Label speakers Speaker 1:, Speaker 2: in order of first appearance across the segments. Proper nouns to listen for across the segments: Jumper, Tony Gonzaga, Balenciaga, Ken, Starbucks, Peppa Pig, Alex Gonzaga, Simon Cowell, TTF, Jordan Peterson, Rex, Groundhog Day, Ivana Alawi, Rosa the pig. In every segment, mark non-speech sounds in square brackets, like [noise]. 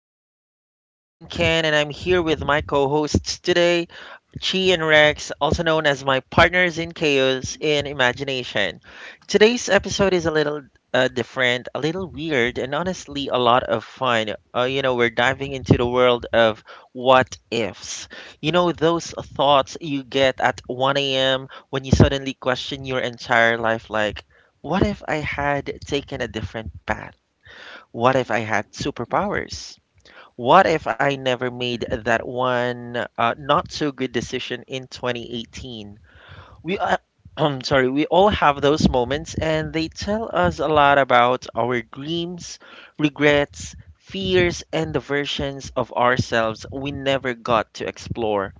Speaker 1: Pages. I'm Ken and I'm here with my co-hosts today, Chi and Rex, also known as my partners in chaos in imagination. Today's episode is a little different, a little weird, and honestly a lot of fun. We're diving into the world of what ifs. You know, those thoughts you get at 1 a.m. when you suddenly question your entire life, like, what if I had taken a different path? What if I had
Speaker 2: Mhm.
Speaker 1: superpowers? What if I never made that one not so good decision in 2018? We [clears throat] I'm sorry, we all have those moments and they tell us a lot about our dreams, regrets, fears and the versions of ourselves we never got to explore.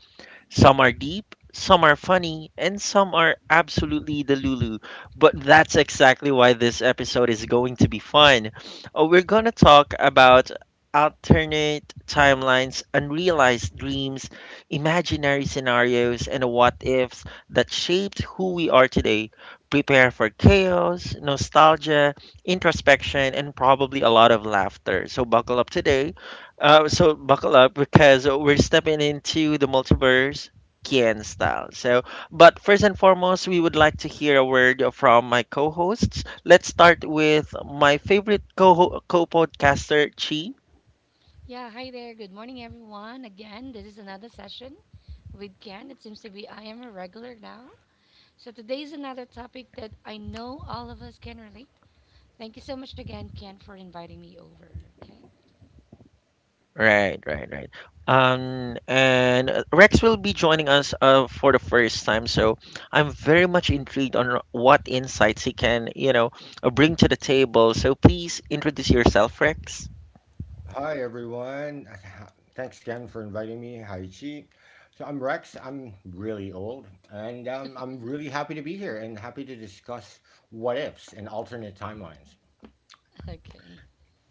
Speaker 1: Some are deep, some are funny, and some are absolutely the Lulu. But that's exactly why this episode is going to be fun. We're going to talk about alternate timelines, unrealized dreams, imaginary scenarios, and what ifs that shaped who we are today. Prepare for chaos, nostalgia, introspection, and probably a lot of laughter. So, buckle up because we're stepping into the multiverse Kien style. So, but first and foremost, we would like to hear a word from my co-hosts. Let's start with my favorite co co-podcaster, Chi.
Speaker 2: Yeah, hi there. Good morning, everyone. Again, this is another session with Ken. It seems to be I am a regular now. So today is another topic that I know all of us can relate. Thank you so much again, Ken, for inviting me over. Okay.
Speaker 1: Right, right, right. And Rex will be joining us for the first time, so I'm very much intrigued on what insights he can, you know, bring to the table. So please introduce yourself, Rex.
Speaker 3: Hi everyone. [laughs] Thanks again for inviting me. Hi Chi. So I'm Rex. I'm really old and I'm really happy to be here and happy to discuss what ifs and alternate timelines.
Speaker 2: [laughs] Okay.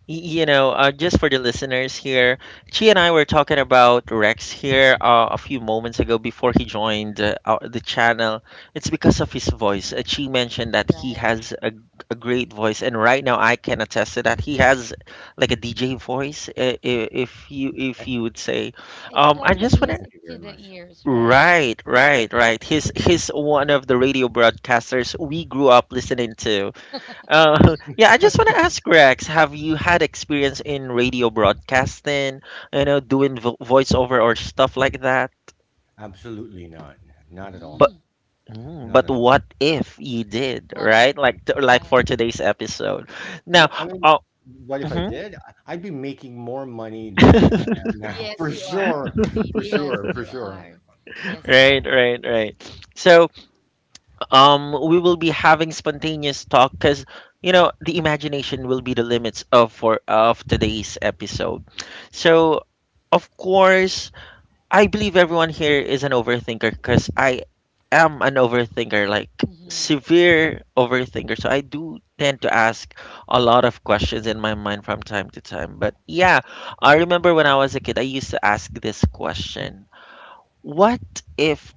Speaker 1: You know, just for the listeners here, Chi and I were talking about Rex here a few moments ago before he joined the channel. It's because of his voice. Chi mentioned that he
Speaker 2: Right.
Speaker 1: has a great voice, and right now I can attest to that. He has like a DJ voice, if you if
Speaker 3: Th-
Speaker 1: you would say.
Speaker 2: It's
Speaker 1: I
Speaker 2: like
Speaker 3: Thank
Speaker 2: a
Speaker 1: just
Speaker 3: you.
Speaker 1: want to.
Speaker 2: music
Speaker 3: Thank you
Speaker 2: to
Speaker 3: very
Speaker 2: the
Speaker 3: much.
Speaker 2: ears, right?
Speaker 1: Right, right, right. He's one of the radio broadcasters we grew up listening to. [laughs] Yeah, I just want to ask Rex, have you had experience in radio broadcasting, you know, doing vo voiceover or stuff like that?
Speaker 3: Absolutely not. Not at all.
Speaker 1: But
Speaker 2: Mm,
Speaker 1: mm,
Speaker 3: Not
Speaker 1: but
Speaker 3: at all.
Speaker 1: what if you did,
Speaker 2: what if?
Speaker 1: right? Like for
Speaker 2: Right.
Speaker 1: today's episode. Now,
Speaker 3: I mean,
Speaker 1: uh,
Speaker 3: what if I
Speaker 1: mhm.
Speaker 3: did? I'd be making more money than I am
Speaker 1: [laughs]
Speaker 3: now [laughs]
Speaker 2: Yes,
Speaker 3: for
Speaker 2: you are.
Speaker 3: sure.
Speaker 2: Indeed.
Speaker 3: For
Speaker 2: Yes,
Speaker 3: sure. For
Speaker 2: you
Speaker 3: sure.
Speaker 2: are. Yes, you are.
Speaker 1: Right, right, right. So, we will be having spontaneous talk because, you know, the imagination will be the limits of today's episode. So, of course, I believe everyone here is an overthinker because I am an overthinker, like
Speaker 2: Mm-hmm.
Speaker 1: severe overthinker. So I do tend to ask a lot of questions in my mind from time to time. But yeah, I remember when I was a kid, I used to ask this question: what if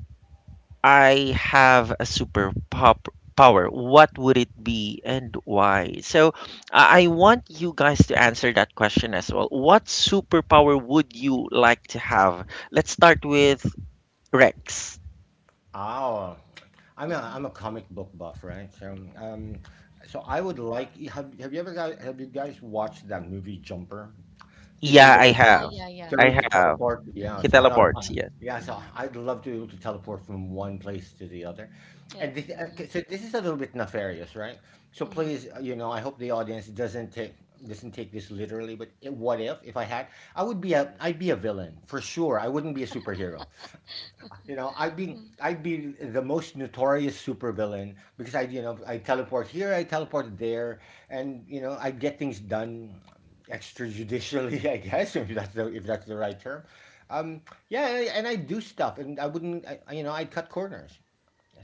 Speaker 1: I have a super pop? Power, what would it be and why? So, I want you guys to answer that question as well. What superpower would you like to have? Let's start with Rex.
Speaker 3: Ah, Oh, I'm
Speaker 2: Mm-hmm.
Speaker 3: a comic book buff, right? So um, so I would like have you guys watched that movie Jumper? To be
Speaker 1: Yeah,
Speaker 3: able
Speaker 1: I
Speaker 2: Yeah,
Speaker 1: have.
Speaker 2: yeah, yeah,
Speaker 3: to be able
Speaker 2: yeah.
Speaker 1: I
Speaker 3: to
Speaker 1: have.
Speaker 3: teleport,
Speaker 2: Mm-hmm.
Speaker 3: yeah.
Speaker 1: He
Speaker 3: So I
Speaker 1: teleports, yeah.
Speaker 3: yeah, so
Speaker 2: Mm-hmm.
Speaker 3: I'd love to be able to teleport from one place to the other.
Speaker 2: Yes.
Speaker 3: And this, okay, so this is a little bit nefarious, right? So
Speaker 2: Uh-huh.
Speaker 3: please, you know, I hope the audience doesn't take this literally. But what if I had, I would be a I'd be a villain for sure. I wouldn't be a superhero. You know,
Speaker 2: Mm,
Speaker 3: I'd be the most notorious supervillain because I, you know, I teleport here, I teleport there, and you know, I get things done extrajudicially, [laughs] I guess, if that's the right term. Um, yeah, and I do stuff, and I wouldn't, you know, I'd cut corners.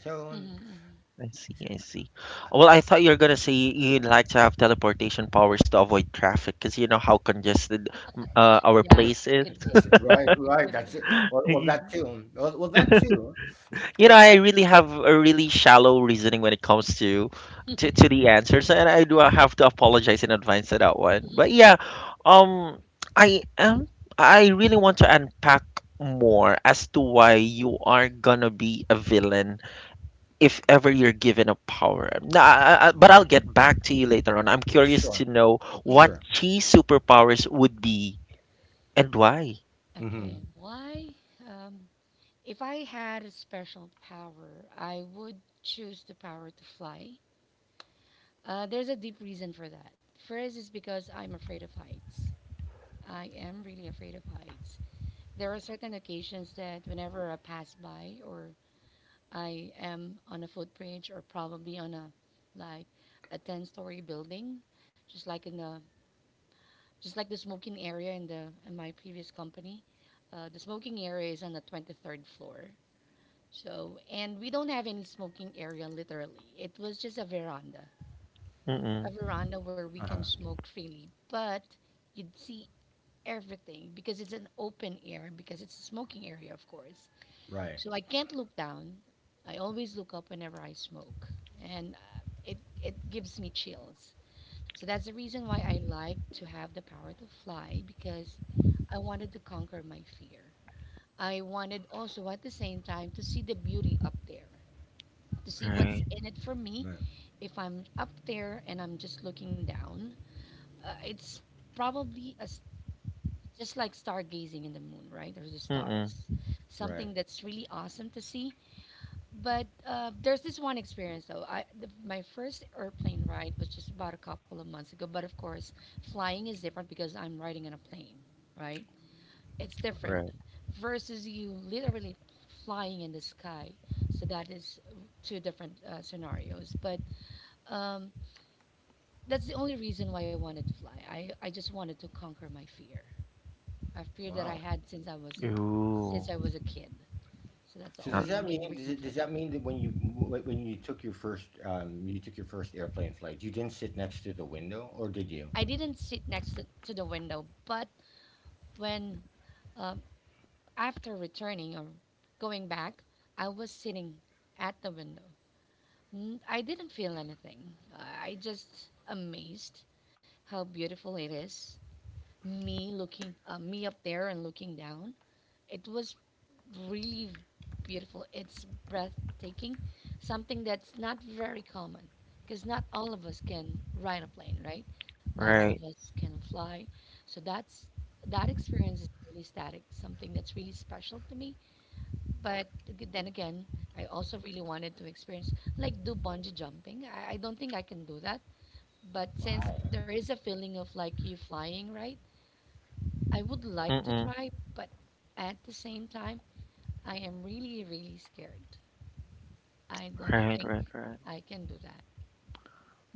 Speaker 3: So,
Speaker 2: mhm, mhm.
Speaker 1: I see,
Speaker 3: s-
Speaker 1: I see. Well, I thought you were gonna say you'd like to have teleportation powers to avoid traffic, because you know how congested our
Speaker 2: Yeah,
Speaker 1: place
Speaker 3: yes,
Speaker 2: it
Speaker 1: is.
Speaker 2: could be.
Speaker 3: [laughs]
Speaker 2: Uh,
Speaker 3: right,
Speaker 2: It
Speaker 3: right.
Speaker 2: could
Speaker 3: That's
Speaker 2: be.
Speaker 3: it. Well, well, that
Speaker 1: [laughs]
Speaker 3: too. Well, well, that too.
Speaker 1: You know,
Speaker 3: But I,
Speaker 1: I really have a really shallow reasoning when it comes to to
Speaker 2: [laughs]
Speaker 1: the answers, and I do have to apologize in advance for that one. But yeah, um, I am. I really want to unpack more as to why you are gonna be a villain if ever you're given a power. Nah, but I'll get back to you later on. I'm curious
Speaker 3: sure,
Speaker 1: to know what
Speaker 2: Mhm.
Speaker 3: sure.
Speaker 1: chi superpowers would be and why.
Speaker 3: Mm-hmm.
Speaker 2: Okay. Why? Um, if I had a special power, I would choose the power to fly. There's a deep reason for that. First is because I'm afraid of heights. I am really afraid of heights. There are certain occasions that whenever I pass by or I am on a footbridge or probably on a like a 10-story building, just like in the just like the smoking area in the in my previous company. The smoking area is on the 23rd floor. So, and we don't have any smoking area literally. It was just
Speaker 1: Mm-mm.
Speaker 2: a veranda where we can
Speaker 3: Uh-huh.
Speaker 2: smoke freely, but you'd see everything because it's an open air because it's a smoking area, of course.
Speaker 3: Right.
Speaker 2: So I can't look down. I always look up whenever I smoke, and it gives me chills. So that's the reason why I like to have the power to fly because I wanted to conquer my fear. I wanted also at the same time to see the beauty up there, to see what's
Speaker 1: Right.
Speaker 2: in it for me
Speaker 3: Right.
Speaker 2: if I'm up there and I'm just looking down. It's probably a s Just like stargazing in the moon, right? Or the
Speaker 1: Mm-mm.
Speaker 2: stars.
Speaker 3: Right.
Speaker 2: Something that's really awesome to see, but there's this one experience though. I the, my first airplane ride was just about a couple of months ago. But of course, flying is different because I'm riding in a plane, right? It's different
Speaker 1: Right.
Speaker 2: versus you literally flying in the sky. So that is two different scenarios. But um, that's the only reason why I wanted to fly. I just wanted to conquer my fear, a fear that I
Speaker 3: Wow.
Speaker 2: had since
Speaker 1: Ooh.
Speaker 2: since I was a kid. So that's the
Speaker 3: So
Speaker 1: Uh,
Speaker 3: does
Speaker 2: only
Speaker 3: that mean
Speaker 2: main reason for
Speaker 3: does
Speaker 2: that.
Speaker 3: that mean that when you when you took your first you took your first airplane flight, you didn't sit next to the window, or did you?
Speaker 2: I didn't sit next to the window, but when um, after returning or going back, I was sitting at the window. I didn't feel anything. I just amazed how beautiful it is. Me looking, me up there and looking down. It was really beautiful. It's breathtaking, something that's not very common because not all of us can ride a plane, right? Not all of
Speaker 1: right.
Speaker 2: us can fly. So that's that experience is really static, something that's really special to me. But then again, I also really wanted to experience like do bungee jumping. I don't think I can do that. But since
Speaker 3: Wow.
Speaker 2: there is a feeling of like you flying, right? I would like to
Speaker 1: Mm-mm.
Speaker 2: try, but at the same time, I am really, really scared. I don't
Speaker 1: Right,
Speaker 2: think
Speaker 1: right, right.
Speaker 2: I can do that.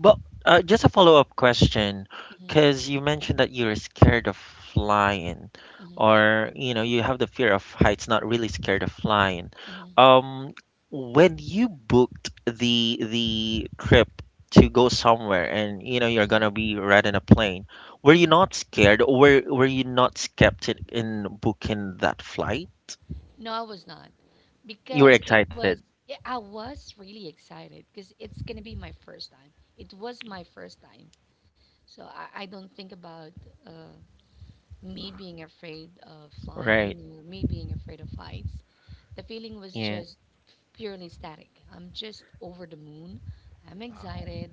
Speaker 1: But just a follow-up question,
Speaker 2: Mhm,
Speaker 1: because you mentioned that you're scared of flying,
Speaker 2: mhm,
Speaker 1: or you know, you have the fear of heights, not really scared of flying.
Speaker 2: mhm,
Speaker 1: Um, when you booked the trip to go somewhere, and you know you're
Speaker 2: mhm,
Speaker 1: gonna be riding a plane, were
Speaker 2: mhm.
Speaker 1: you not scared, or were you not skeptic in booking that flight?
Speaker 2: No, I was not
Speaker 1: You were
Speaker 2: because it
Speaker 1: excited,
Speaker 2: was. Yeah, I was really excited because it's gonna be my first time. It was my first time, so I don't think about uh, me being afraid of
Speaker 1: right?
Speaker 2: flying or me being afraid of heights. The feeling was
Speaker 1: Yeah,
Speaker 2: just purely static. I'm just over the moon. I'm
Speaker 3: Wow.
Speaker 2: excited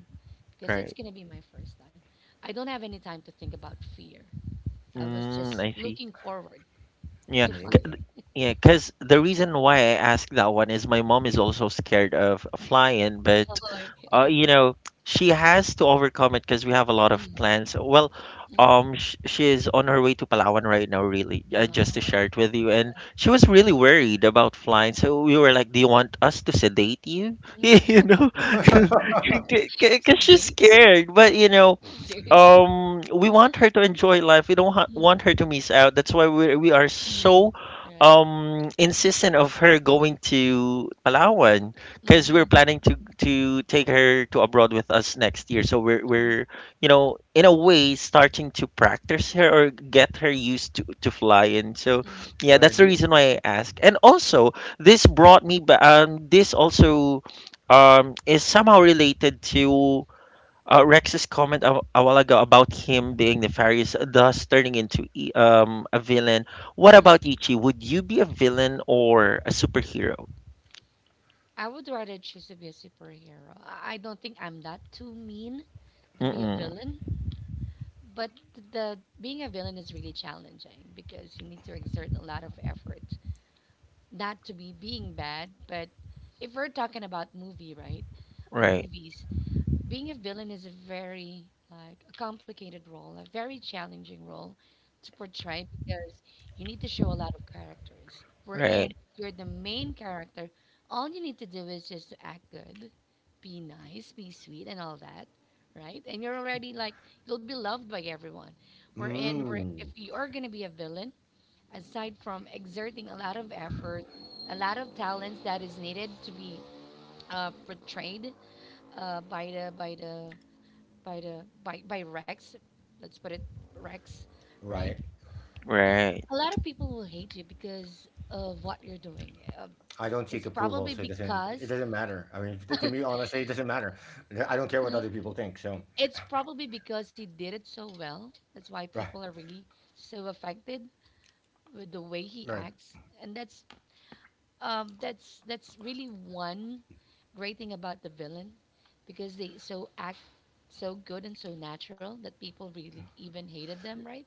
Speaker 2: because it's
Speaker 1: right.
Speaker 2: gonna be my first time. I don't have any time to think about fear. I was
Speaker 1: Mm,
Speaker 2: just
Speaker 1: I see.
Speaker 2: looking forward
Speaker 1: Yeah,
Speaker 2: to
Speaker 1: c-
Speaker 2: flying.
Speaker 3: Amazing.
Speaker 1: yeah, because the reason why I asked that one is my mom is also scared of flying, but
Speaker 2: [laughs] Okay.
Speaker 1: you know, she has to overcome it because we have a lot of
Speaker 2: Mm-hmm.
Speaker 1: plans. Well, sh she is on her way to Palawan right now, really, just to share
Speaker 2: Uh,
Speaker 1: it with you. And she was really worried about flying, so we were like, "Do you want us to sedate you?" [laughs]
Speaker 2: hmm
Speaker 1: You know,
Speaker 3: [laughs]
Speaker 1: [laughs] because she's
Speaker 2: Sedate you?
Speaker 1: scared. But you know,
Speaker 2: Seriously?
Speaker 1: um, we want her to enjoy life. We don't ha- want her to miss out. That's why we are
Speaker 2: Mm-hmm.
Speaker 1: so
Speaker 2: Right.
Speaker 1: insistent of her going to Palawan, because we're
Speaker 2: Mm-hmm.
Speaker 1: planning to take her to abroad with us next year. So we're, you know, in a way starting to practice her or get her used to flying. So
Speaker 2: Mm-hmm.
Speaker 3: You
Speaker 1: yeah,
Speaker 3: want
Speaker 1: that's the
Speaker 3: to.
Speaker 1: reason why I ask. And also, this also is somehow related to Rex's comment a while ago about him being nefarious, thus turning into a villain. What
Speaker 2: Mm-hmm.
Speaker 1: about you, Chi? Would you be a villain or a superhero?
Speaker 2: I would rather choose to be a superhero. I don't think I'm that too mean to be a
Speaker 1: Mm-mm.
Speaker 2: villain, but the being a villain is really challenging because you need to exert a lot of effort. Not to be being bad, but if we're talking about movie, right, or
Speaker 1: Right,
Speaker 2: movies, being a villain is a very like a complicated role, a very challenging role to portray because you need to show a lot of characters. Wherein
Speaker 1: right,
Speaker 2: if you're the main character, all you need to do is just to act good, be nice, be sweet, and all that, right? And you're already like you'll be loved by everyone. Wherein where if
Speaker 3: Mm,
Speaker 2: you are gonna be a villain, aside from exerting a lot of effort, a lot of talents that is needed to be portrayed by the by the by the by Rex. Let's put it Rex, right?
Speaker 3: right.
Speaker 1: right,
Speaker 2: A lot of people will hate you because of what you're doing.
Speaker 3: I don't seek
Speaker 2: It's
Speaker 3: approval,
Speaker 2: probably
Speaker 3: so it
Speaker 2: because
Speaker 3: doesn't matter. I mean, to me, honestly, it doesn't matter. I don't care what
Speaker 2: uh-huh.
Speaker 3: other people think. So,
Speaker 2: It's probably because he did it so well. That's why people
Speaker 3: right,
Speaker 2: are really so affected with the way he
Speaker 3: right.
Speaker 2: acts, and that's really one great thing about the villain, because they so act so good and so natural that people really even hated them, right?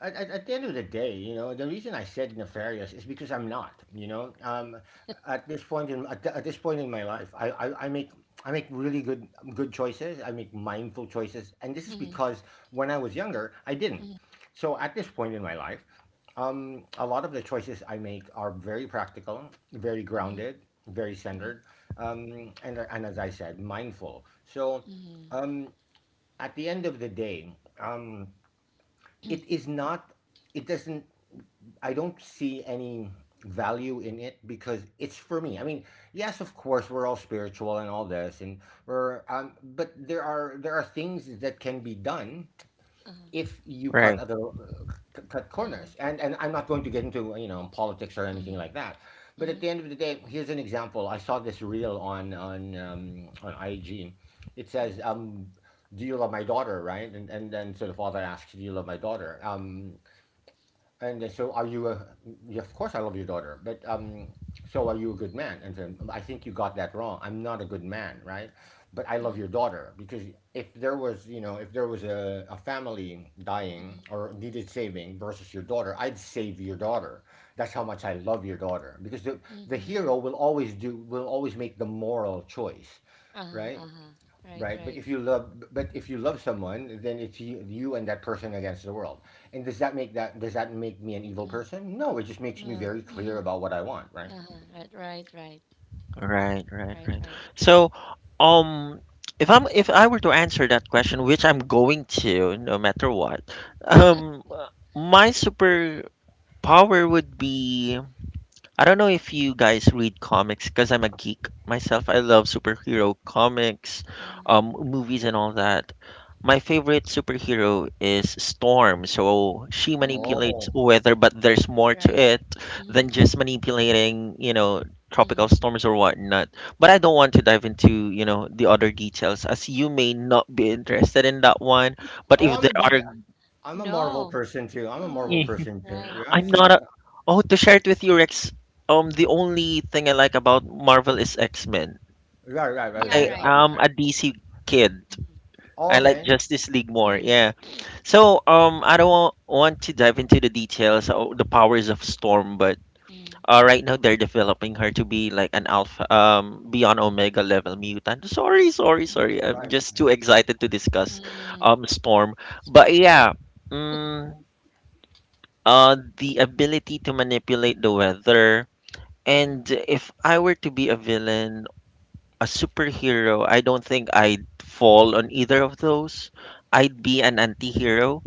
Speaker 3: At, at the end of the day, you know, the reason I said nefarious is because I'm not. You know, at this point at this point in my life, I make really good choices. I make mindful choices, and this is
Speaker 2: Mm-hmm.
Speaker 3: because when I was younger, I didn't. So at this point in my life, a lot of the choices I make are very practical, very grounded, very centered, and as I said, mindful. So
Speaker 2: Mm-hmm.
Speaker 3: um, at the end of the day, um, it is not, it doesn't, I don't see any value in it because it's for me. I mean, yes, of course, we're all spiritual and all this, and we're um, but there are things that can be done
Speaker 2: Uh-huh.
Speaker 3: if you
Speaker 1: right,
Speaker 3: cut other, cut
Speaker 2: Uh-huh.
Speaker 3: corners, and I'm not going to get into, you know, politics or anything
Speaker 2: Mm-hmm.
Speaker 3: like that. But
Speaker 2: Mm-hmm,
Speaker 3: at the end of the day, here's an example. I saw this reel on, um, on IG. It says, um, do you love my daughter, right? And then so the father asks, do you love my daughter, um, and so, are you a? Yeah, of course, I love your daughter, but so are you a good man? And so, I think you got that wrong. I'm not a good man, right? But I
Speaker 2: mm-hmm,
Speaker 3: love your daughter because if there was, you know, if there was a family dying
Speaker 2: mm-hmm,
Speaker 3: or needed saving versus your daughter, I'd save your daughter. That's how much I love your daughter because the
Speaker 2: mm-hmm.
Speaker 3: hero will always do will always make the moral choice,
Speaker 2: Uh-huh,
Speaker 3: right?
Speaker 2: uh-huh. Right,
Speaker 3: Right, but
Speaker 2: right.
Speaker 3: if you love, but if you love someone, then it's you, you and that person against the world. And does that make that, does that make me an evil
Speaker 2: Mm.
Speaker 3: person? No, it just makes me
Speaker 2: No.
Speaker 3: very
Speaker 2: Mm-hmm.
Speaker 3: clear about what I want. Right.
Speaker 2: Uh-huh. Right,
Speaker 1: right, right, right.
Speaker 2: right.
Speaker 1: So, um, if I were to answer that question, which I'm going to, no matter what, um, my superpower would be: I don't know if you guys read comics because I'm a geek myself. I love superhero comics,
Speaker 2: Mm-hmm.
Speaker 1: movies, and all that. My favorite superhero is Storm. So she
Speaker 2: Mm,
Speaker 1: manipulates
Speaker 3: Oh,
Speaker 1: weather, but there's more to
Speaker 2: right.
Speaker 1: it than
Speaker 2: Mm-hmm,
Speaker 1: just
Speaker 2: mm-hmm,
Speaker 1: manipulating, you know, tropical
Speaker 2: mm-hmm.
Speaker 1: storms or whatnot. But I don't want to dive into, you know, the other details as you may not be interested in that one. But
Speaker 3: oh,
Speaker 1: if
Speaker 3: I'm a
Speaker 1: there
Speaker 3: geek.
Speaker 1: are
Speaker 3: I'm a Marvel
Speaker 2: No.
Speaker 3: person too. I'm a Marvel
Speaker 2: Uh-huh.
Speaker 3: person too.
Speaker 2: Right,
Speaker 1: [laughs]
Speaker 3: Yeah, I
Speaker 1: I'm
Speaker 3: said.
Speaker 2: right.
Speaker 1: not a. Oh, to share it with you, Rex. The only thing I like about Marvel is X Men.
Speaker 3: Right, right, right.
Speaker 2: Yeah,
Speaker 1: I
Speaker 3: I
Speaker 2: right,
Speaker 1: am
Speaker 3: understand.
Speaker 1: a
Speaker 2: right.
Speaker 1: DC kid. I like
Speaker 3: Okay.
Speaker 1: Justice League more.
Speaker 2: Mm-hmm,
Speaker 1: Yeah.
Speaker 2: mm-hmm,
Speaker 1: So I don't want to dive into the details of the powers of Storm, but
Speaker 2: mm-hmm,
Speaker 1: right now they're developing her to be like an alpha, beyond Omega level mutant. Sorry, sorry, sorry.
Speaker 2: mm-hmm.
Speaker 1: I'm
Speaker 3: Right.
Speaker 1: just too excited to discuss
Speaker 2: Mm-hmm.
Speaker 1: Storm. But
Speaker 2: Spoiler.
Speaker 1: yeah, mm, uh, the ability to manipulate the weather.
Speaker 2: Mm-hmm,
Speaker 1: And if I were to be a villain, a superhero, I don't think I'd fall on either of those. I'd be an anti-hero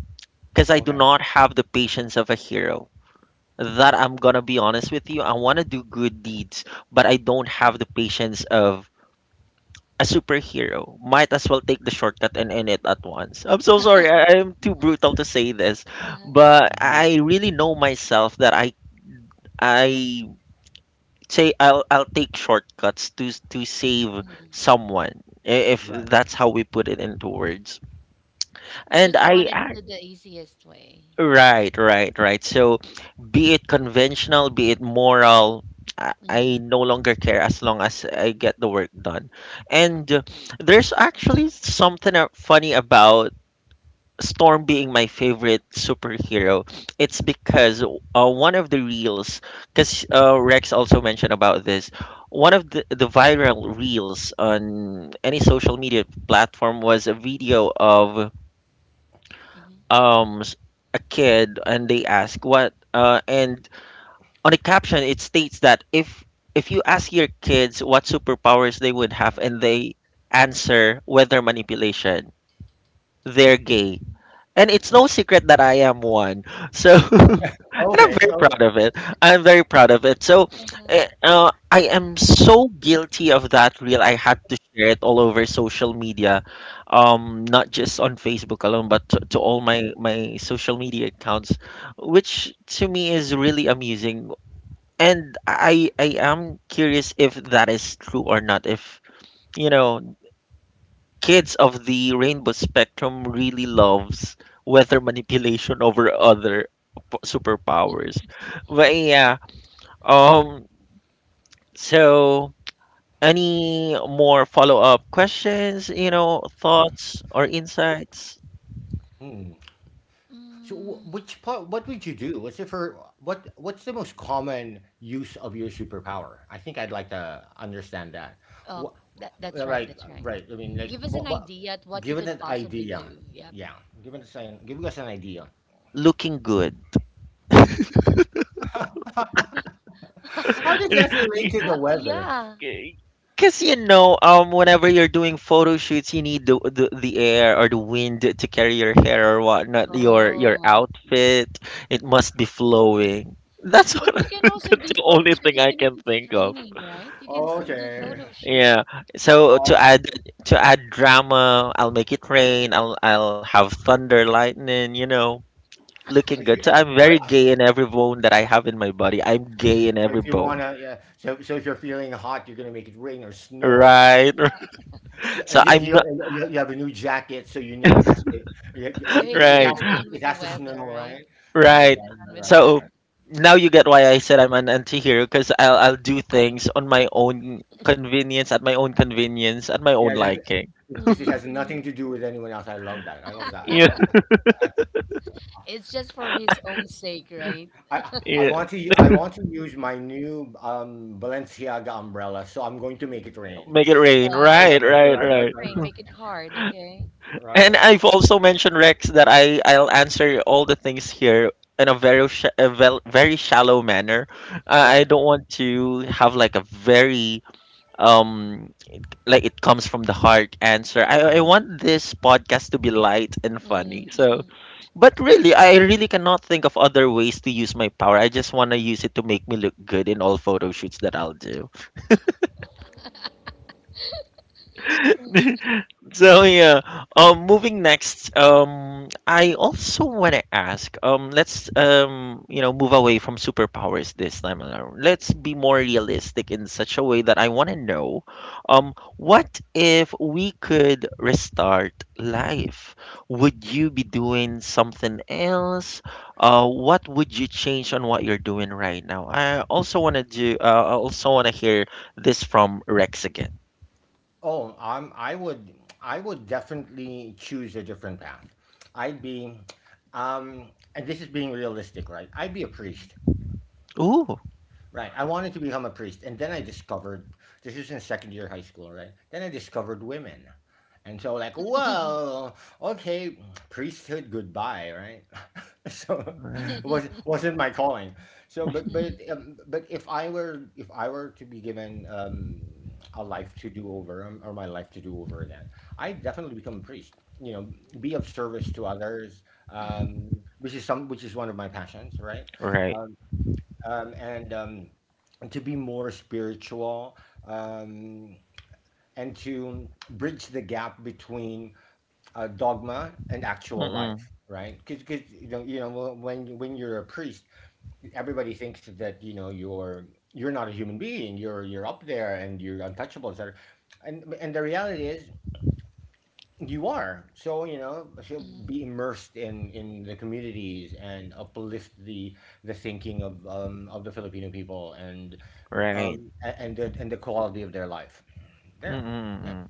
Speaker 1: because I do
Speaker 3: Okay.
Speaker 1: not have the patience of a hero. That I'm gonna be honest with you, I want to do good deeds, but I don't have
Speaker 2: mm-hmm.
Speaker 1: the patience of a superhero. Might as well take the shortcut and end it at once. I'm so sorry, I am too brutal to say this,
Speaker 2: Uh-huh.
Speaker 1: but
Speaker 3: Hmm.
Speaker 1: I really know myself that I say I'll take shortcuts to save
Speaker 2: Mm-hmm.
Speaker 1: someone, if
Speaker 3: Right.
Speaker 1: that's how we put it into words.
Speaker 2: You
Speaker 1: And
Speaker 2: just wanted to
Speaker 1: I
Speaker 2: do the easiest way.
Speaker 1: right, right, right. So be it conventional, be it moral,
Speaker 2: Mm-hmm,
Speaker 1: I no longer care as long as I get the work done.
Speaker 2: mm-hmm,
Speaker 1: And there's actually something funny about Storm being my favorite superhero. It's because one of the reels, because Rex also mentioned about this, one of the viral reels on any social media platform was a video of
Speaker 2: mm-hmm.
Speaker 1: um s- a kid, and they ask what, and on the caption it states that if you ask your kids what superpowers they would have, and they answer weather manipulation, they're gay. And it's no secret that I am one. So, [laughs] and
Speaker 3: Okay. [laughs]
Speaker 1: I'm
Speaker 3: Okay.
Speaker 1: very
Speaker 3: Okay.
Speaker 1: proud of it. I'm very proud of it. So,
Speaker 2: Uh-huh.
Speaker 1: I am so guilty of that reel. I had to share it all over social media, not just on Facebook alone, but to
Speaker 2: Mm-hmm.
Speaker 1: all my social media accounts, which to me is really amusing. And I am curious if that is true or not. If, you know, kids of the rainbow spectrum really loves weather manipulation over other superpowers. But yeah, um so any more follow-up questions, you know, thoughts or insights?
Speaker 3: Hmm. So,
Speaker 2: Mm.
Speaker 3: which part? What would you do? What's the for what what's the most common use of your superpower? I think I'd like to understand that.
Speaker 2: Oh,
Speaker 3: What,
Speaker 2: that, that's right.
Speaker 3: right,
Speaker 2: That's right.
Speaker 3: right. I mean, like,
Speaker 2: Give us an
Speaker 3: what,
Speaker 2: idea at what you
Speaker 3: given
Speaker 2: could
Speaker 3: an
Speaker 2: possibly
Speaker 3: idea,
Speaker 2: do. Yep.
Speaker 3: yeah, given us an giving us an idea. [laughs]
Speaker 1: Looking good.
Speaker 3: How does that relate to
Speaker 1: [laughs]
Speaker 3: the weather?
Speaker 2: Yeah.
Speaker 1: Because you know, whenever you're doing photo shoots, you need the air or the wind to carry your hair or whatnot. Your
Speaker 2: Oh, I see.
Speaker 1: outfit, it must be flowing. That's
Speaker 2: But
Speaker 1: what
Speaker 2: you
Speaker 1: [laughs]
Speaker 2: can also
Speaker 1: that's
Speaker 2: do
Speaker 1: the
Speaker 2: photo
Speaker 1: only
Speaker 2: shoot
Speaker 1: thing I
Speaker 2: even if
Speaker 1: can
Speaker 2: it's
Speaker 1: think of.
Speaker 2: raining, right? You can still do
Speaker 3: Okay.
Speaker 2: photo shoot.
Speaker 1: Yeah. So to
Speaker 3: Oh,
Speaker 1: add drama, I'll make it rain. I'll have thunder, lightning. You know, looking
Speaker 3: if
Speaker 1: good.
Speaker 3: you,
Speaker 1: So
Speaker 3: eh,
Speaker 1: I'm
Speaker 3: or
Speaker 1: very gay in every bone that I have in my body. I'm
Speaker 3: so,
Speaker 1: gay in
Speaker 3: so
Speaker 1: every
Speaker 3: if you
Speaker 1: bone.
Speaker 3: wanna, yeah. So, so if you're feeling hot, you're gonna make it rain or snow.
Speaker 1: Right. [laughs]
Speaker 3: Yeah,
Speaker 1: So
Speaker 3: yeah,
Speaker 1: I'm
Speaker 3: you,
Speaker 1: not
Speaker 3: you, you have a new jacket, so you know it has to. Yeah, yeah,
Speaker 2: So
Speaker 3: it,
Speaker 2: he'd
Speaker 3: it
Speaker 2: played
Speaker 3: has
Speaker 1: right.
Speaker 3: to.
Speaker 2: around with
Speaker 3: It
Speaker 2: the
Speaker 3: has to
Speaker 2: weather,
Speaker 3: snow,
Speaker 2: right?
Speaker 3: right?
Speaker 2: He'd
Speaker 3: Right,
Speaker 1: Right.
Speaker 2: played around
Speaker 3: right, right,
Speaker 2: with the
Speaker 3: right, right,
Speaker 2: weather.
Speaker 1: So
Speaker 3: right.
Speaker 1: now you get why I said I'm an anti-hero, because I'll do things on my own convenience, at my own convenience, at my own
Speaker 3: Yeah,
Speaker 1: liking.
Speaker 3: because it has nothing
Speaker 2: Mm-mm-mm.
Speaker 3: to do with anyone else. I love that. I love that.
Speaker 1: Yeah,
Speaker 2: It's just
Speaker 3: I, I,
Speaker 2: for his own sake, right?
Speaker 3: I I
Speaker 1: yeah.
Speaker 3: want to. I want to use my new Balenciaga umbrella, so I'm going to make it rain.
Speaker 1: Make it rain.
Speaker 2: Wow.
Speaker 3: Right,
Speaker 1: Right, right,
Speaker 3: right,
Speaker 2: Make
Speaker 3: right,
Speaker 2: it
Speaker 1: right.
Speaker 3: right,
Speaker 2: rain, make
Speaker 3: right,
Speaker 2: it hard, okay?
Speaker 3: right, right,
Speaker 1: And
Speaker 3: right,
Speaker 1: I've also mentioned Rex that I'll answer all the things here in a very sh a vel very shallow manner. I
Speaker 3: right.
Speaker 1: I don't want to have, like, a very, um like, it comes from the heart answer. I want this podcast to be light and funny. So,
Speaker 2: Mm-mm.
Speaker 1: but really, I really cannot think of other ways to use my power. I just want to use it to make me look good in all photo shoots that I'll do. [laughs] So yeah, moving next, I also want to ask, let's, move away from superpowers this time around. Let's be more realistic in such a way that I want to know, what if we could restart life? Would you be doing something else? What would you change on what you're doing right now? I also want to hear this from Rex again.
Speaker 3: Oh, I would definitely choose a different path. I'd be, and this is being realistic, right? I'd be a priest,
Speaker 1: Ooh,
Speaker 3: right? I wanted to become a priest, and then I discovered, this is in second year high school, right? Then I discovered women, and so like,
Speaker 2: [laughs] Mm-mm.
Speaker 3: well, okay, priesthood goodbye, right? So [laughs]
Speaker 1: right.
Speaker 3: was, wasn't my calling. So but if I were to be given a life to do over or my life to do over again, I'd definitely become a priest. You know, be of service to others,
Speaker 2: Mm-mm.
Speaker 3: which is some, which is one of my passions, right?
Speaker 1: Right.
Speaker 3: Um, um, and um, and to be more spiritual, um, and to bridge the gap between dogma and actual
Speaker 1: Mm-mm.
Speaker 3: life, right? Because you know, you know, when you're a priest, everybody thinks that, you know, you're not a human being, you're up there and you're untouchable, etc., and the reality is you are, so, you know, so be immersed in the communities and uplift the thinking of um, of the Filipino people, and
Speaker 1: Right.
Speaker 3: um, and the quality of their life there, yeah.
Speaker 1: Mm-mm-mm.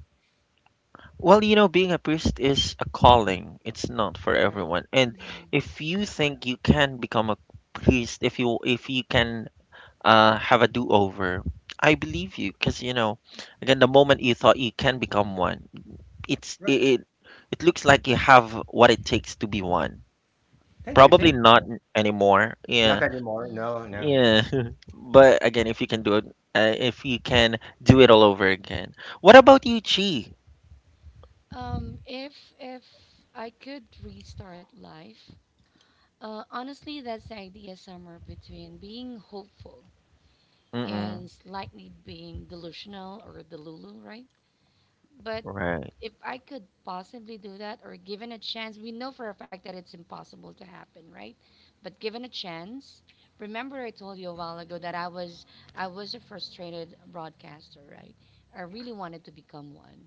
Speaker 1: Well, being a priest is a calling. It's not for
Speaker 2: Right.
Speaker 1: everyone. And
Speaker 2: Mm-mm.
Speaker 1: if you think you can become a priest, if you can have a do-over, I believe you, because, again, the moment you thought you can become
Speaker 2: Mm-mm.
Speaker 1: one, it's
Speaker 3: Right.
Speaker 1: it, it it looks like you have what it takes to be one.
Speaker 3: Thank you,
Speaker 1: Probably
Speaker 3: thank you,
Speaker 1: not
Speaker 3: Jen.
Speaker 1: anymore.
Speaker 3: Not
Speaker 1: Yeah,
Speaker 3: anymore, no, no.
Speaker 2: Mm-mm.
Speaker 1: yeah. [laughs] But again, if you can do it, if you can do it all over again, what about you, Chi?
Speaker 2: If I could restart life, honestly, that's the idea somewhere between being hopeful
Speaker 1: Mm-mm.
Speaker 2: and slightly being delusional or delulu, right? But
Speaker 1: Right.
Speaker 2: if I could possibly do that or given a chance, we know for a fact that it's impossible to happen, right? But given a chance, remember I told you a while ago that I was a frustrated broadcaster, right? I really wanted to become one,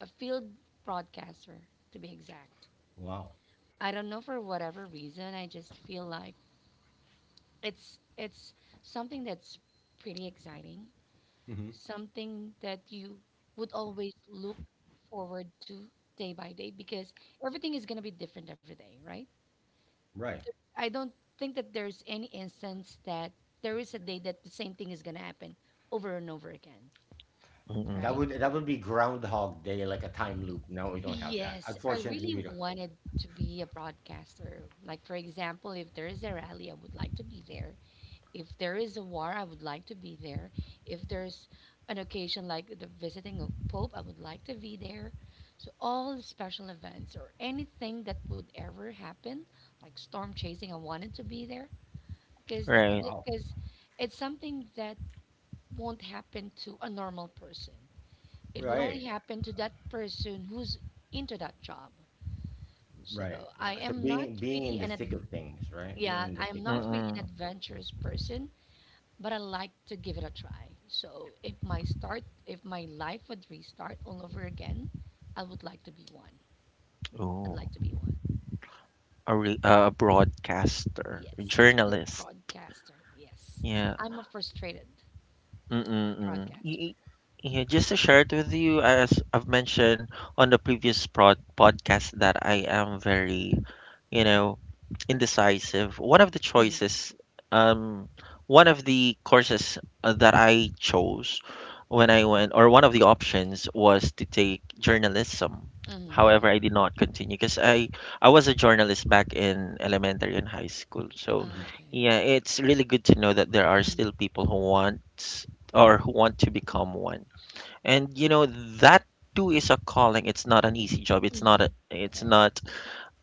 Speaker 2: a field broadcaster to be exact.
Speaker 3: Wow.
Speaker 2: I don't know for whatever reason, I just feel like it's something that's pretty exciting,
Speaker 3: Hmm.
Speaker 2: something that you would always look forward to day by day because everything is going to be different every day, right?
Speaker 3: Right.
Speaker 2: I don't think that there's any instance that there is a day that the same thing is going to happen over and over again,
Speaker 1: Mm-mm.
Speaker 3: That
Speaker 2: right?
Speaker 3: would, that would be Groundhog Day, like a time loop. No, we don't have that.
Speaker 2: Yes, I
Speaker 3: Unfortunately,
Speaker 2: really
Speaker 3: we don't.
Speaker 2: wanted to be a broadcaster. Like, for example, if there is a rally, I would like to be there. If there is a war, I would like to be there. If there's an occasion like the visiting of Pope, I would like to be there. So all the special events or anything that would ever happen, like storm chasing, I wanted to be there because
Speaker 1: Right.
Speaker 3: Wow.
Speaker 2: because it's something that won't happen to a normal person. It would only
Speaker 3: Right.
Speaker 2: happen to that person who's into that job.
Speaker 3: Right.
Speaker 2: So I
Speaker 3: So
Speaker 2: am not
Speaker 3: being, being
Speaker 2: really
Speaker 3: in the
Speaker 2: an ad-
Speaker 3: thick of things, right? Being
Speaker 2: yeah,
Speaker 3: in the
Speaker 2: I am
Speaker 3: thick of
Speaker 2: not really an
Speaker 1: Mm-mm.
Speaker 2: adventurous person, but I like to give it a try. So if my life would restart all over again, I would like to be one. I'd
Speaker 1: Oh,
Speaker 2: like to be one.
Speaker 1: a broadcaster, a
Speaker 2: Yes, a film
Speaker 1: journalist.
Speaker 2: broadcaster. Yes,
Speaker 1: Yeah.
Speaker 2: I'm a frustrated
Speaker 1: Mm-mm, mm-mm.
Speaker 2: broadcaster.
Speaker 1: Yeah, just to share it with you, as I've mentioned on the previous prod podcast, that I am very, you know, indecisive.
Speaker 2: Mm,
Speaker 1: Um, One of the courses, that I chose when I went, or one of the options was to take journalism. However, I
Speaker 2: mm.
Speaker 1: did
Speaker 3: it.
Speaker 1: not continue because I was a journalist back in elementary and high school. So,
Speaker 3: Hmm. Hmm.
Speaker 1: yeah,
Speaker 2: Okay.
Speaker 1: it's really good to know that there are
Speaker 2: Mm,
Speaker 1: still people who want, to become one. And you know that too is a calling. It's not an easy job.
Speaker 2: mm, right.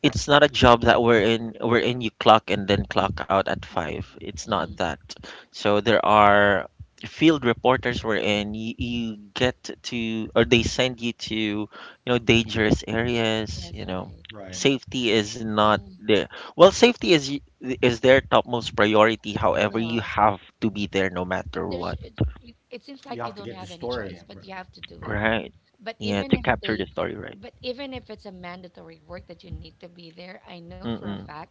Speaker 1: It's not a job that we're in. You clock and then clock out at five.
Speaker 2: Mm,
Speaker 1: It's not
Speaker 2: mm.
Speaker 1: that. So there are field reporters wherein you get to, or they send you to, you dangerous areas,
Speaker 2: Yes, right.
Speaker 3: Right.
Speaker 2: Mm,
Speaker 1: safety is not
Speaker 2: mm.
Speaker 1: there well, safety is their topmost priority. However, you
Speaker 2: Uh,
Speaker 1: have to be there, no
Speaker 2: but
Speaker 1: matter
Speaker 2: there's
Speaker 1: what.
Speaker 2: it, it. It seems
Speaker 3: You
Speaker 2: like you
Speaker 3: have to
Speaker 2: don't
Speaker 3: get the
Speaker 2: have any
Speaker 3: story.
Speaker 2: choice, but
Speaker 3: Right.
Speaker 2: you have to do
Speaker 3: Yeah.
Speaker 2: it.
Speaker 1: Right,
Speaker 2: But
Speaker 1: yeah,
Speaker 2: even
Speaker 1: to
Speaker 2: if
Speaker 1: capture the
Speaker 2: they,
Speaker 1: story, right?
Speaker 2: but even if it's a mandatory work that you need to be there, I know for a
Speaker 1: Mm-mm.
Speaker 2: fact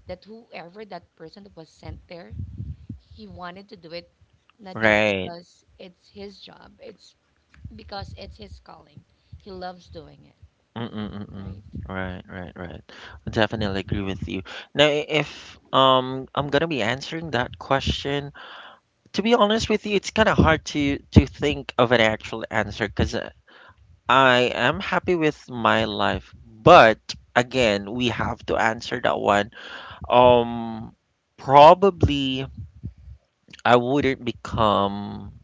Speaker 2: that whoever that person that was sent there, he wanted to do it not just
Speaker 1: Right.
Speaker 2: because it's his job, it's because it's his calling. He loves doing it,
Speaker 1: Mm-mm, mm-mm.
Speaker 2: right?
Speaker 1: Right, right, right. I definitely agree with you. Now, if I'm gonna be answering that question, to be honest with you, it's kind of hard to think of an actual answer, because I am happy with my life, but again, we have to answer that one. Um, Probably I wouldn't become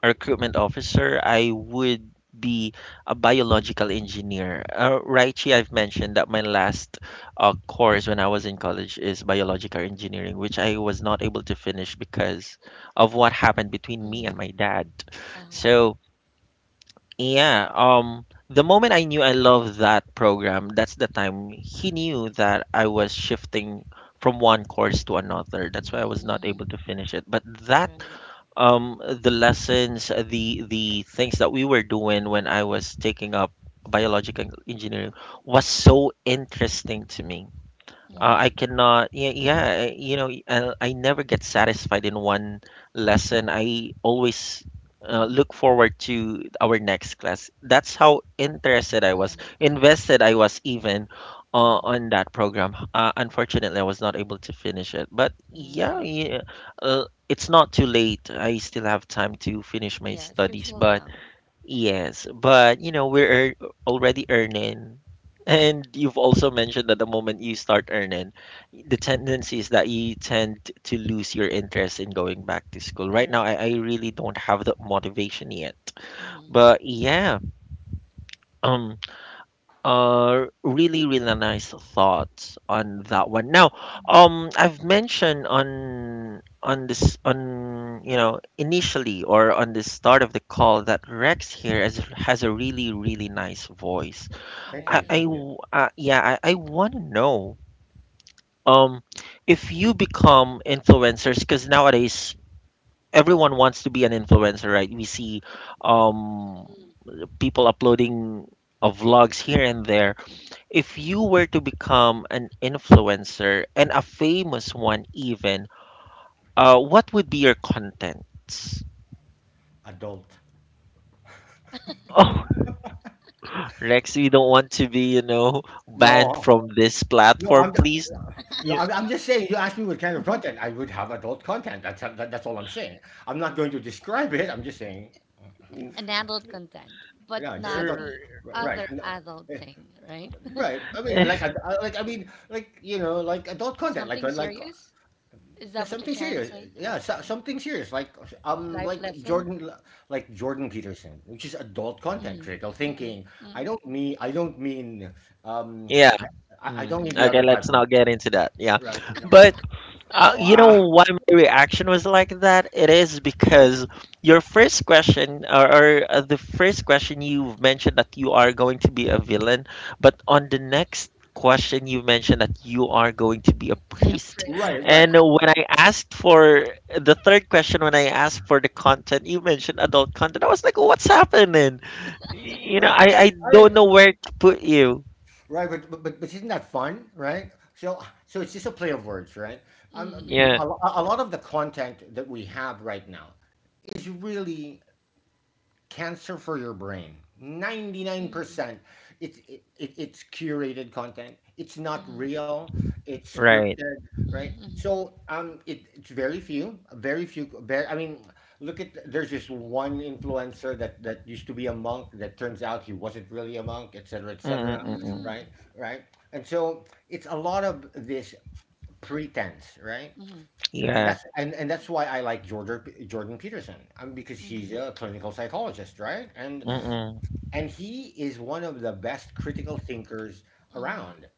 Speaker 1: recruitment officer. I would be a biological engineer. Raichi, I've mentioned that my last course when I was in college is biological engineering, which I was not able to finish because of what happened between me
Speaker 2: Mm-hmm.
Speaker 1: and my dad.
Speaker 2: Uh-huh.
Speaker 1: So, yeah, the moment I knew I loved that program, that's the time he knew that I was shifting from one course to another. That's why I was not able to finish it. But that
Speaker 2: Right.
Speaker 1: the lessons the things that we were doing when I was taking up biological engineering was so interesting to me.
Speaker 2: Mm-hmm.
Speaker 3: Wow.
Speaker 1: I cannot, Yeah, yeah, I never get satisfied in one lesson. I always
Speaker 2: Mm-hmm.
Speaker 1: look forward to our next class. That's how interested I was,
Speaker 2: Uh-huh. Uh-huh.
Speaker 1: invested I was, even
Speaker 2: Mm-hmm.
Speaker 1: on that program. Unfortunately, I was not able to finish it. But yeah,
Speaker 2: Mm.
Speaker 1: yeah, it's not too late. I still have time to finish my
Speaker 2: Yes, you're
Speaker 1: studies.
Speaker 2: still
Speaker 1: But
Speaker 2: young.
Speaker 1: yes, but, we're already earning. And you've also mentioned that the moment you start earning, the tendency is that you tend to lose your interest in going back to school. Right now,
Speaker 2: Correct.
Speaker 1: I really don't have the motivation yet.
Speaker 2: Mm-hmm.
Speaker 1: But yeah,
Speaker 2: Right.
Speaker 1: um. Really, really nice thoughts on that one. Now,
Speaker 2: Mm.
Speaker 1: I've mentioned on initially, or on the start of the call, that Rex here has a really, really nice voice.
Speaker 3: Thank you.
Speaker 2: Right.
Speaker 3: Thank you.
Speaker 1: Yeah, I want to know, um if you become influencers, because nowadays everyone wants to be an influencer, right? We see um people uploading vlogs here and there. If you were to become an influencer, and a famous one, even, what would be your contents?
Speaker 3: Adult.
Speaker 1: Oh, [laughs] Rex, we don't want to be, banned
Speaker 3: No.
Speaker 1: from this
Speaker 3: No, I'm,
Speaker 1: platform, please.
Speaker 3: no,
Speaker 1: Yeah.
Speaker 3: I'm just saying. You asked me what kind of content. I would have adult content. That's that, that's all I'm saying. I'm not going to describe it. I'm just saying. uh,
Speaker 2: An adult content, but
Speaker 3: Yeah, just
Speaker 2: not
Speaker 3: adult.
Speaker 2: the
Speaker 3: Right.
Speaker 2: other adult thing, right?
Speaker 3: Right. I mean, like,
Speaker 1: [laughs]
Speaker 3: like, I mean, like, you know, like adult
Speaker 2: [laughs]
Speaker 3: content,
Speaker 2: Something
Speaker 3: like,
Speaker 2: serious? Is
Speaker 3: yeah,
Speaker 2: that what you're
Speaker 3: something
Speaker 2: trying to
Speaker 3: serious.
Speaker 2: say?
Speaker 3: Yeah, so,
Speaker 2: Okay.
Speaker 3: something serious. Um,
Speaker 2: Life
Speaker 3: like
Speaker 2: lesson?
Speaker 3: Jordan, like Jordan Peterson, which is adult content,
Speaker 2: Mm,
Speaker 3: critical
Speaker 2: mm,
Speaker 3: thinking.
Speaker 2: mm,
Speaker 3: I don't mean, um,
Speaker 1: Yeah.
Speaker 3: I, I don't
Speaker 1: Mm.
Speaker 3: mean the
Speaker 2: mm.
Speaker 1: Okay,
Speaker 3: other type
Speaker 1: let's
Speaker 3: of,
Speaker 1: not get into that. Yeah.
Speaker 3: right. No,
Speaker 1: But,
Speaker 3: oh,
Speaker 1: you
Speaker 3: ah, wow.
Speaker 1: know why my reaction was like that? It is because your first question, or the first question you mentioned that you are going to be a villain, but on the next question you mentioned that you are going to be a
Speaker 2: To be a
Speaker 1: priest.
Speaker 3: Right.
Speaker 2: priest.
Speaker 3: Right.
Speaker 1: And when I asked for the third question, when I asked for the content, you mentioned adult content. I was like, what's happening? You know,
Speaker 3: Right.
Speaker 1: I, I
Speaker 3: I mean,
Speaker 1: don't know where to put you.
Speaker 3: right, but isn't that fun, right? So so it's just a play of words, right?
Speaker 2: Mm,
Speaker 1: Yeah,
Speaker 2: mm,
Speaker 3: A lot of the content that we have right now is really cancer for your brain, 99%.
Speaker 2: mm,
Speaker 3: It's curated content, it's not
Speaker 2: mm,
Speaker 3: real, it's
Speaker 1: right.
Speaker 3: scripted, right?
Speaker 2: mm,
Speaker 3: So um, it, it's very few I mean, look at, there's this one influencer that used to be a monk that turns out he wasn't really a monk, etc., etc.,
Speaker 1: Mm-mm-mm.
Speaker 3: right,
Speaker 2: mm,
Speaker 3: right. And so it's a lot of this pretense, right?
Speaker 2: mm, mm,
Speaker 3: And
Speaker 1: Yeah.
Speaker 3: that's, and that's why I like Jordan, Jordan Peterson, because he's
Speaker 2: mm,
Speaker 3: a clinical psychologist, right? And
Speaker 2: uh-huh,
Speaker 1: Mm-mm.
Speaker 3: he is one of the best critical thinkers around.
Speaker 2: mhm,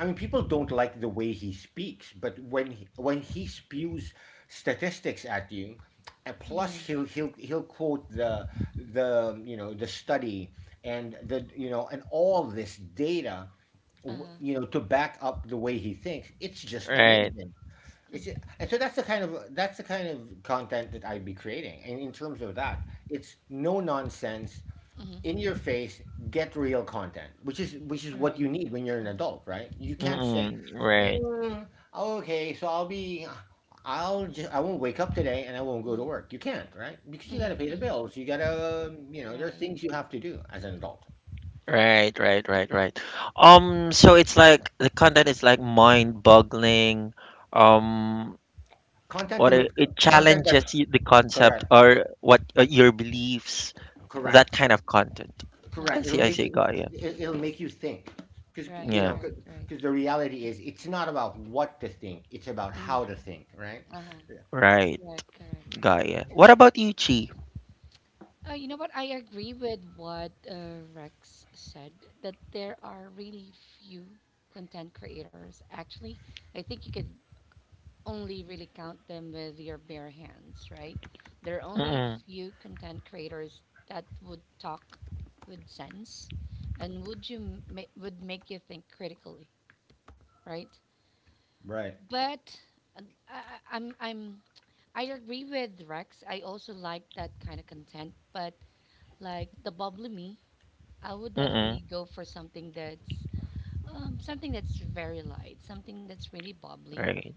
Speaker 3: I mean, people don't like the way he speaks, but when he spews statistics at you, and plus
Speaker 2: mhm,
Speaker 3: he'll, quote the, you know, the study, and the, you know, and all this data,
Speaker 2: uh-huh,
Speaker 3: you know, to back up the way he thinks. It's just
Speaker 2: right,
Speaker 1: Right.
Speaker 3: amazing.
Speaker 2: mhm,
Speaker 3: And so that's the kind of, that's the kind of content that I'd be creating. And in terms of that, it's no nonsense,
Speaker 2: mhm,
Speaker 3: in your face, get real content, which is, which is what you
Speaker 2: right,
Speaker 3: need when you're an
Speaker 2: mhm,
Speaker 3: adult, right? You can't say,
Speaker 1: Mm-mm, right,
Speaker 3: "Mm, okay, so I'll be, I'll just, I won't wake up today and I won't go to
Speaker 2: mhm,
Speaker 3: work." You can't, right? Because you gotta
Speaker 2: mhm,
Speaker 3: pay the
Speaker 2: mhm,
Speaker 3: bills. You gotta, you know, there are
Speaker 2: right,
Speaker 3: things you have to do as an adult.
Speaker 1: right, right, right, right. So it's like the content is like mind-boggling. Um,
Speaker 3: Content to
Speaker 1: what
Speaker 3: ma-
Speaker 1: it, it
Speaker 3: content that
Speaker 1: challenges you, the concept,
Speaker 3: correct
Speaker 1: or what, your beliefs, that
Speaker 3: correct
Speaker 1: kind of content.
Speaker 3: Correct.
Speaker 2: uh-huh,
Speaker 1: I see, Gaia.
Speaker 3: It'll
Speaker 2: I
Speaker 3: make you
Speaker 2: see,
Speaker 3: think, because you
Speaker 2: right,
Speaker 1: Yeah,
Speaker 3: know,
Speaker 2: right, right,
Speaker 3: because the reality is, it's not about what to think; it's about
Speaker 2: mhm,
Speaker 3: how to think, right?
Speaker 2: uh-huh,
Speaker 3: Yeah.
Speaker 1: right,
Speaker 2: Yeah, correct.
Speaker 1: Gaia. What about you, Chi?
Speaker 2: You know what? I agree with what Rex said that there are really few content creators. Actually, I think you could only really count them with your bare hands, right? There are only
Speaker 1: Mm-mm,
Speaker 2: few content creators that would talk with sense and would make you think critically, right?
Speaker 3: Right.
Speaker 2: But uh, I, I- I'm I'm I agree with Rex. I also like that kind of content, but like the bubbly me, I would
Speaker 1: mm-mm,
Speaker 2: definitely go for something that's very light, something that's really bubbly.
Speaker 1: right.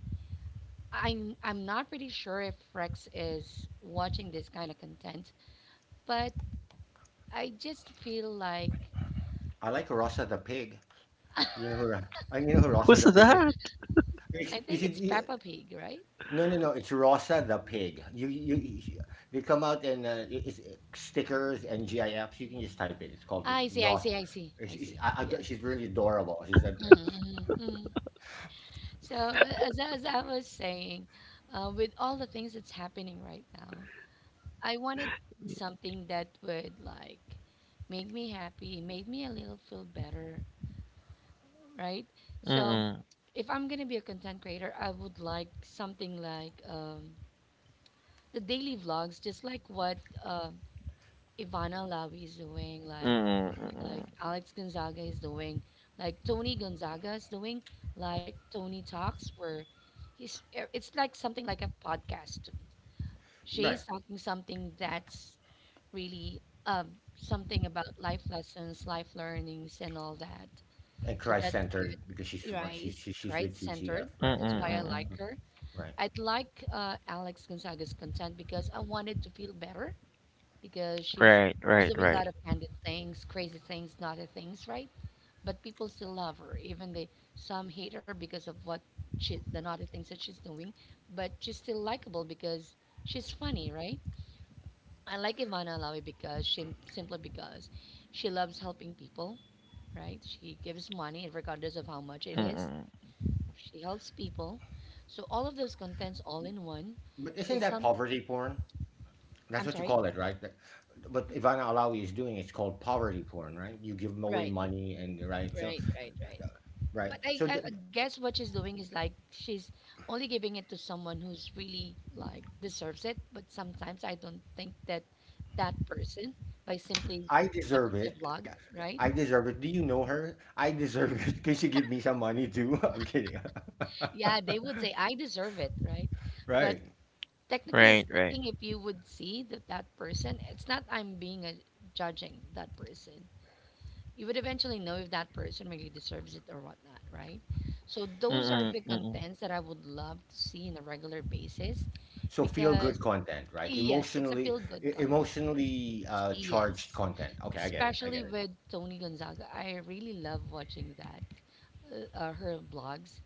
Speaker 2: I'm not pretty sure if Rex is watching this kind of content, but I just feel like
Speaker 3: I like Rosa the pig.
Speaker 2: [laughs] I
Speaker 3: You know who? Ro- I You know who Rosa
Speaker 1: Who's
Speaker 3: the pig is.
Speaker 1: that?
Speaker 3: It's, you
Speaker 2: think it's
Speaker 3: should. You,
Speaker 2: Peppa Pig, right?
Speaker 3: no, no, no. It's Rosa the pig. You They come out and it's stickers and GIFs. You can just type it. It's called
Speaker 2: I see, I
Speaker 3: Ross.
Speaker 2: see, I see, I
Speaker 3: It's,
Speaker 2: see.
Speaker 3: I, don't-
Speaker 2: Yeah.
Speaker 3: She's really adorable. She's a
Speaker 2: Mm-hmm, mm-hmm. So as I was saying, with all the things that's happening right now, I wanted to be something that would like make me happy, made me a little feel better, right? So
Speaker 1: Mm-mm,
Speaker 2: if I'm gonna be a content creator, I would like something like the daily vlogs, just like what uh, Ivana Lavi is doing, like
Speaker 1: mm-mm,
Speaker 2: like
Speaker 1: mm-mm,
Speaker 2: Alex Gonzaga is doing, like Tony Gonzaga is doing, like Tony talks, where it's like something like a podcast to me.
Speaker 3: right.
Speaker 2: She's talking something that's really um, something about life lessons, life learnings, and all that.
Speaker 3: And
Speaker 2: So
Speaker 3: Christ
Speaker 2: that's good.
Speaker 3: centered because she's
Speaker 2: Rice,
Speaker 3: she's she's
Speaker 2: great
Speaker 3: with
Speaker 2: centered.
Speaker 3: TTF,
Speaker 1: mm-mm,
Speaker 3: right?
Speaker 2: That's why
Speaker 3: Yeah,
Speaker 2: I like
Speaker 1: mm-mm.
Speaker 3: Mm,
Speaker 2: her.
Speaker 3: right.
Speaker 2: I'd like Alex Gonzaga's content because I wanted to feel better because
Speaker 1: Right,
Speaker 2: she's
Speaker 1: right,
Speaker 2: doing a
Speaker 1: right.
Speaker 2: lot of candid things, crazy things, naughty things, right? But people still love her, even they some hate her because of what she the naughty things that she's doing. But she's still likable because she's funny, right? I like Ivana Alawi because she simply because she loves helping people, right? She gives money and regardless of how much it is,
Speaker 1: Mm-mm,
Speaker 2: she helps people. So all of those contents all in one
Speaker 3: But isn't
Speaker 2: is
Speaker 3: that
Speaker 2: some
Speaker 3: poverty porn? That's
Speaker 2: I'm
Speaker 3: what you
Speaker 2: sorry.
Speaker 3: call it, right? That- but Ivana Alawi is doing, it's called poverty porn, right? You give them away
Speaker 2: Right,
Speaker 3: money, and right, so
Speaker 2: right, right, right.
Speaker 3: right.
Speaker 2: But I, I I guess what she's doing is like she's only giving it to someone who's really like deserves it. But sometimes I don't think that that person by simply
Speaker 3: I deserve
Speaker 2: watching the
Speaker 3: it.
Speaker 2: vlog, right?
Speaker 3: I deserve it. Do you know her? I deserve it. [laughs] Can she give me some money too? [laughs] I'm kidding. [laughs]
Speaker 2: Yeah, they would say I deserve it, right? But
Speaker 3: Right.
Speaker 2: technically
Speaker 1: right, right.
Speaker 2: speaking, if you would see that that person, it's not I'm being a judging that person. You would eventually know if that person really deserves it or whatnot, right? So those are the
Speaker 1: Mm-mm, mm-mm.
Speaker 2: contents that I would love to see on a regular basis
Speaker 3: So feel
Speaker 2: because
Speaker 3: good content, right?
Speaker 2: yes, it's a
Speaker 3: Emotionally,
Speaker 2: feel good content.
Speaker 3: emotionally charged
Speaker 2: Yes,
Speaker 3: content. Okay, I get it. I
Speaker 2: especially
Speaker 3: get it.
Speaker 2: with Tony Gonzaga, I really love watching that her vlogs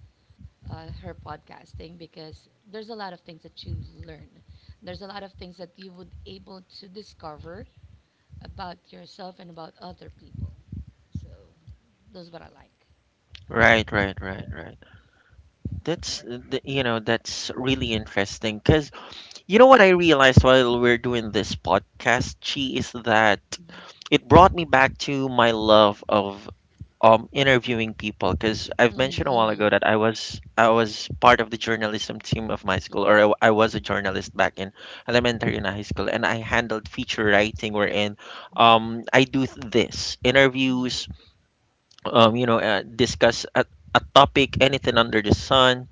Speaker 2: her podcasting because there's a lot of things that you learn. There's a lot of things that you would able to discover about yourself and about other people. So that's what I like.
Speaker 1: Right, right, right, right. That's really interesting, because you know what I realized while we're doing this podcast, Chi, is that
Speaker 2: Mm-hmm.
Speaker 1: it brought me back to my love of interviewing people, because I've mentioned a while ago
Speaker 2: Mm-hmm.
Speaker 1: that I was part of the journalism team of my school,
Speaker 2: Mm-hmm.
Speaker 1: or I was a journalist back in elementary and high school, and I handled feature writing wherein I do this
Speaker 2: Hmm.
Speaker 1: interviews, discuss a topic, anything under the sun.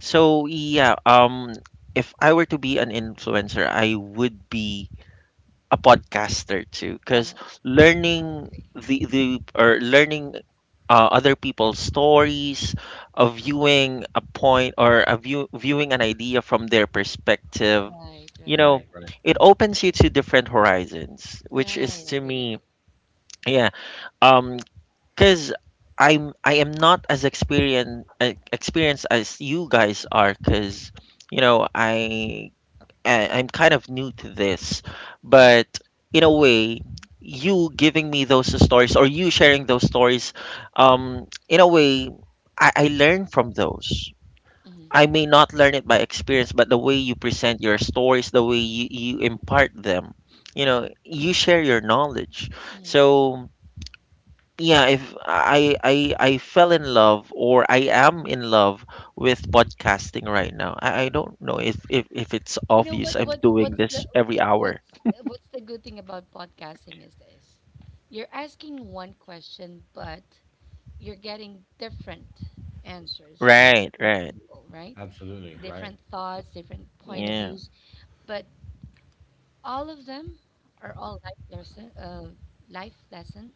Speaker 1: So yeah, if I were to be an influencer, I would be a podcaster too, because
Speaker 2: Uh, I
Speaker 1: learning
Speaker 2: agree.
Speaker 1: the or learning other people's stories, viewing a point, or a view, viewing an idea from their perspective,
Speaker 2: Right,
Speaker 1: you
Speaker 2: right,
Speaker 3: Right.
Speaker 1: know, it opens you to different horizons, which is,
Speaker 2: right.
Speaker 1: to
Speaker 2: Agree,
Speaker 1: me,
Speaker 2: agree.
Speaker 1: yeah. Um, Cause I am not as experienced as you guys are. Cause you know I, I'm kind of new to this,
Speaker 2: Mm-hmm.
Speaker 1: but in a way, you giving me those stories, or you sharing those stories, in a way, I learn from those.
Speaker 2: Mm-hmm.
Speaker 1: I may not learn it by experience, but the way you present your stories, the way you impart them, you share your knowledge.
Speaker 2: Mm-hmm.
Speaker 1: So yeah, if I am in love with podcasting right now. I don't know if it's
Speaker 2: You know
Speaker 1: obvious
Speaker 2: what?
Speaker 1: I'm doing this every hour.
Speaker 2: What's what's the good thing about podcasting is this? You're asking one question, but you're getting different answers from
Speaker 1: Right,
Speaker 2: different
Speaker 1: right.
Speaker 2: people, right?
Speaker 3: Absolutely, right.
Speaker 2: Different thoughts, different point of
Speaker 1: Yeah,
Speaker 2: views, but all of them are all life lesson. Life lesson.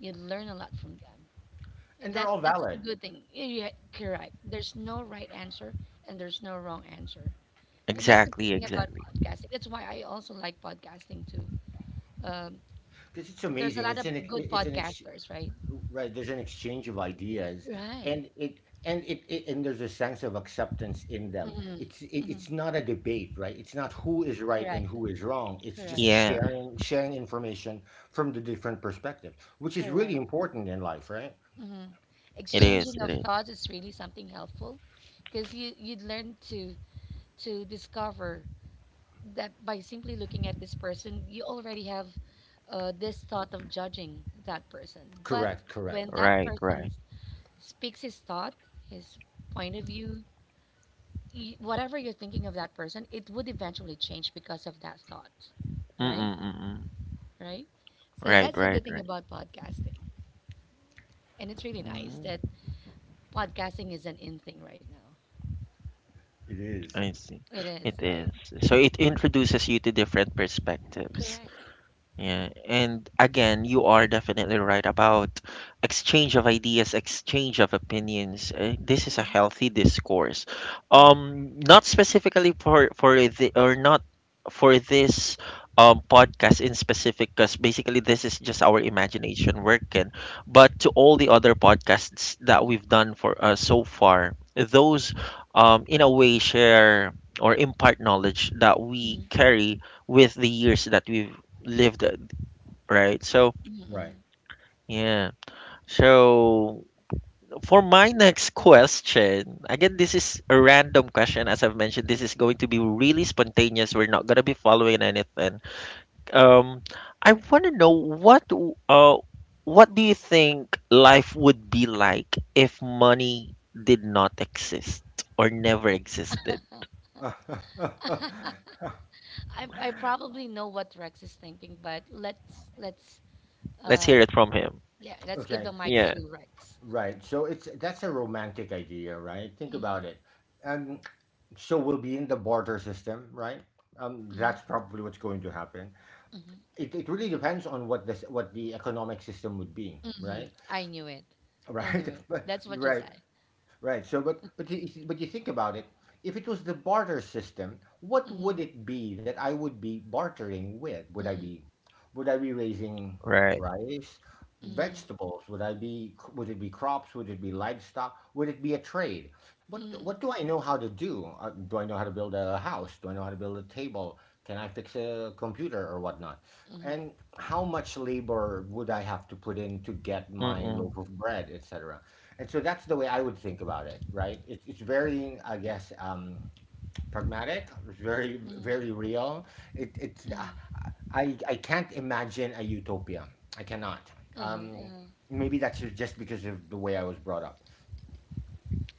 Speaker 2: You learn a lot from them.
Speaker 3: And they're
Speaker 2: That's
Speaker 3: all
Speaker 2: that's a
Speaker 3: valid
Speaker 2: good thing. Yeah, correct. There's no right answer and there's no wrong answer, and that's a good
Speaker 1: exactly,
Speaker 2: thing about
Speaker 1: exactly.
Speaker 2: podcasting. That's why I also like podcasting too. Um,
Speaker 3: because it's
Speaker 2: there's a
Speaker 3: amazing.
Speaker 2: lot of good podcasters, right?
Speaker 3: Right. There's an exchange of ideas,
Speaker 2: Right.
Speaker 3: and it, it and there's a sense of acceptance in them.
Speaker 2: Mm-hmm.
Speaker 3: It's
Speaker 2: Mm-hmm.
Speaker 3: not a debate, right? It's not who is right and
Speaker 2: Correct.
Speaker 3: who is wrong. It's just
Speaker 2: Correct.
Speaker 1: Yes,
Speaker 3: sharing information from the different perspectives, which is really
Speaker 2: Correct.
Speaker 3: important in life, right?
Speaker 2: Hmm.
Speaker 1: it is,
Speaker 2: Exchanging
Speaker 1: it
Speaker 2: of
Speaker 1: is.
Speaker 2: thoughts is really something helpful because you'd learn to discover that by simply looking at this person, you already have this thought of judging that person. But
Speaker 3: Correct, correct.
Speaker 2: when that
Speaker 1: Right,
Speaker 2: person
Speaker 1: right.
Speaker 2: speaks his thought, his point of view, whatever you're thinking of that person, it would eventually change because of that thought, right?
Speaker 1: Mm-mm-mm-mm.
Speaker 2: Right. So
Speaker 1: Right,
Speaker 2: that's the
Speaker 1: right,
Speaker 2: good thing
Speaker 1: right.
Speaker 2: about podcasting, and it's really nice that
Speaker 1: Mm.
Speaker 2: podcasting is an in thing right now.
Speaker 3: It is,
Speaker 1: I see.
Speaker 2: It is,
Speaker 1: It
Speaker 2: right?
Speaker 1: is. So it
Speaker 2: Mhm.
Speaker 1: introduces you to different perspectives.
Speaker 2: Correct.
Speaker 1: Yeah, and again, you are definitely right about exchange of ideas, exchange of opinions. This is a
Speaker 2: Mhm,
Speaker 1: healthy discourse.
Speaker 2: mhm,
Speaker 1: Not specifically for the, or not for this, podcast in specific, because basically this is just our imagination working. But to all the other podcasts that
Speaker 2: mhm,
Speaker 1: we've done for, so far, those, in a way, share or impart knowledge that
Speaker 2: mhm,
Speaker 1: we carry with the years that we've lived it, right? So,
Speaker 2: mhm,
Speaker 3: right.
Speaker 2: mhm.
Speaker 1: yeah. So, for my next question, again, this is a random question. As I've mentioned, this is going to be really spontaneous. We're not going to be following anything. Um, I want to know what, what do you think life would be like if money did not exist, or never existed?
Speaker 3: [laughs]
Speaker 2: I probably know what Rex is thinking, but let's
Speaker 1: Let's hear
Speaker 2: uh
Speaker 1: it from him.
Speaker 2: yeah, let's give
Speaker 3: Okay,
Speaker 2: the mic
Speaker 3: so
Speaker 1: Yeah,
Speaker 2: to Rex.
Speaker 3: right. So it's, that's a romantic idea, right? Think
Speaker 2: Mm-hmm,
Speaker 3: about it. Um, so we'll be in the barter system, right?
Speaker 2: mm-hmm,
Speaker 3: That's probably what's going to happen.
Speaker 2: mm-hmm,
Speaker 3: It really depends on what the economic system would be,
Speaker 2: mm-hmm.
Speaker 3: right? [laughs]
Speaker 2: I knew it. I
Speaker 3: Right.
Speaker 2: knew it.
Speaker 3: But
Speaker 2: That's what you
Speaker 3: right.
Speaker 2: said.
Speaker 3: Right. So, but you think about it. If it was the barter system, what would it be that I would be bartering with?
Speaker 2: Mm-hmm,
Speaker 3: Would I be raising
Speaker 1: right.
Speaker 3: rice,
Speaker 2: mm-hmm,
Speaker 3: vegetables? Would it be crops? Would it be livestock? Would it be a trade? What
Speaker 2: mm-hmm,
Speaker 3: what do I know how to do? Do I know how to build a house? Do I know how to build a table? Can I fix a computer or whatnot?
Speaker 2: mm-hmm,
Speaker 3: And how much labor would I have to put in to get my loaf
Speaker 1: Mm-mm.
Speaker 3: of bread, etc.? And so that's the way I would think about it, right? It's very, I guess, pragmatic. It's very
Speaker 2: mm-hmm,
Speaker 3: very real. It it's
Speaker 2: mm-hmm.
Speaker 3: I can't imagine a utopia. I cannot.
Speaker 2: Uh-huh,
Speaker 3: Um,
Speaker 2: uh-huh.
Speaker 3: maybe that's just because of the way I was brought up.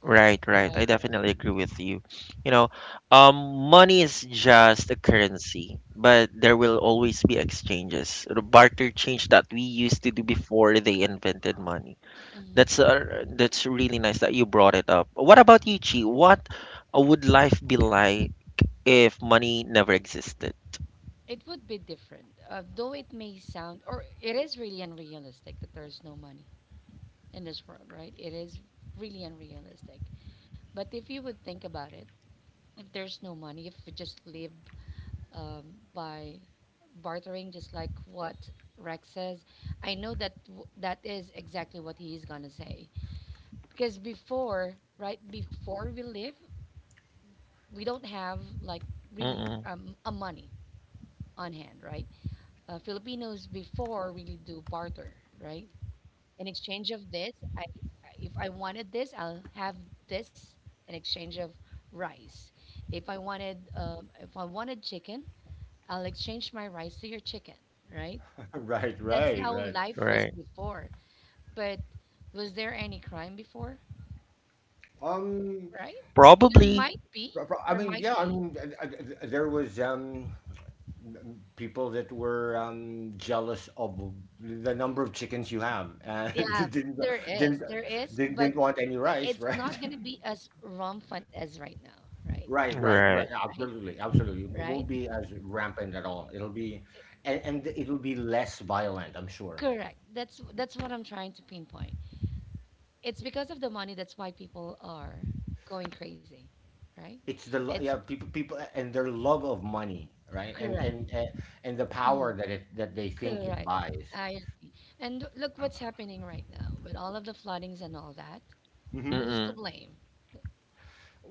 Speaker 1: Right, right. I
Speaker 2: Right, right.
Speaker 1: definitely agree with you. You know, Money is just a currency, but there will always be exchanges. The barter change that we used to do before they invented money.
Speaker 2: Mm-hmm.
Speaker 1: That's really nice that you brought it up. What about you, Chi? What would life be like if money never existed?
Speaker 2: It would be different, though it may sound, or it is really unrealistic that there's no money in this world, right? It is really unrealistic. But if you would think about it, if there's no money, if we just live um, by bartering, just like what Rex says, I know that that is exactly what he is gonna say. Because before, right before we live, we don't have like really
Speaker 1: Mm-mm.
Speaker 2: a money on hand, right? Filipinos before really do barter, right? In exchange of this I if I wanted this I'll have this in exchange of rice. If I wanted if I wanted chicken, I'll exchange my rice to your chicken, right?
Speaker 3: [laughs] Right,
Speaker 2: That's
Speaker 3: right,
Speaker 2: how
Speaker 3: right.
Speaker 2: life was
Speaker 1: Right.
Speaker 2: before, but was there any crime before,
Speaker 3: Um,
Speaker 2: right? There
Speaker 1: Probably.
Speaker 2: might be,
Speaker 3: I
Speaker 2: there
Speaker 3: mean,
Speaker 2: might
Speaker 3: yeah, I
Speaker 2: be.
Speaker 3: mean, there was people that were jealous of the number of chickens you have, and [laughs]
Speaker 2: Yeah,
Speaker 3: didn't
Speaker 2: there is,
Speaker 3: didn't
Speaker 2: there is, but
Speaker 3: didn't want any rice,
Speaker 2: it's not
Speaker 3: right?
Speaker 2: going to
Speaker 3: [laughs]
Speaker 2: be as rampant as right now, right?
Speaker 3: Right, right, right.
Speaker 1: Right.
Speaker 2: Right,
Speaker 3: Absolutely, absolutely. It won't
Speaker 2: right.
Speaker 3: be as rampant at all. It'll be, and it'll be less violent, I'm sure.
Speaker 2: Correct. That's what I'm trying to pinpoint. It's because of the money that's why people are going crazy, right? it's
Speaker 3: Yeah, people, people and their love of money, right? And
Speaker 2: correct.
Speaker 3: and and, and the
Speaker 2: Mhm.
Speaker 3: power that it that they think it
Speaker 2: Correct,
Speaker 3: buys.
Speaker 2: I agree. And look what's happening right now with all of the floodings and all that.
Speaker 3: Hmm.
Speaker 2: Who's to
Speaker 1: Mm-mm.
Speaker 2: blame?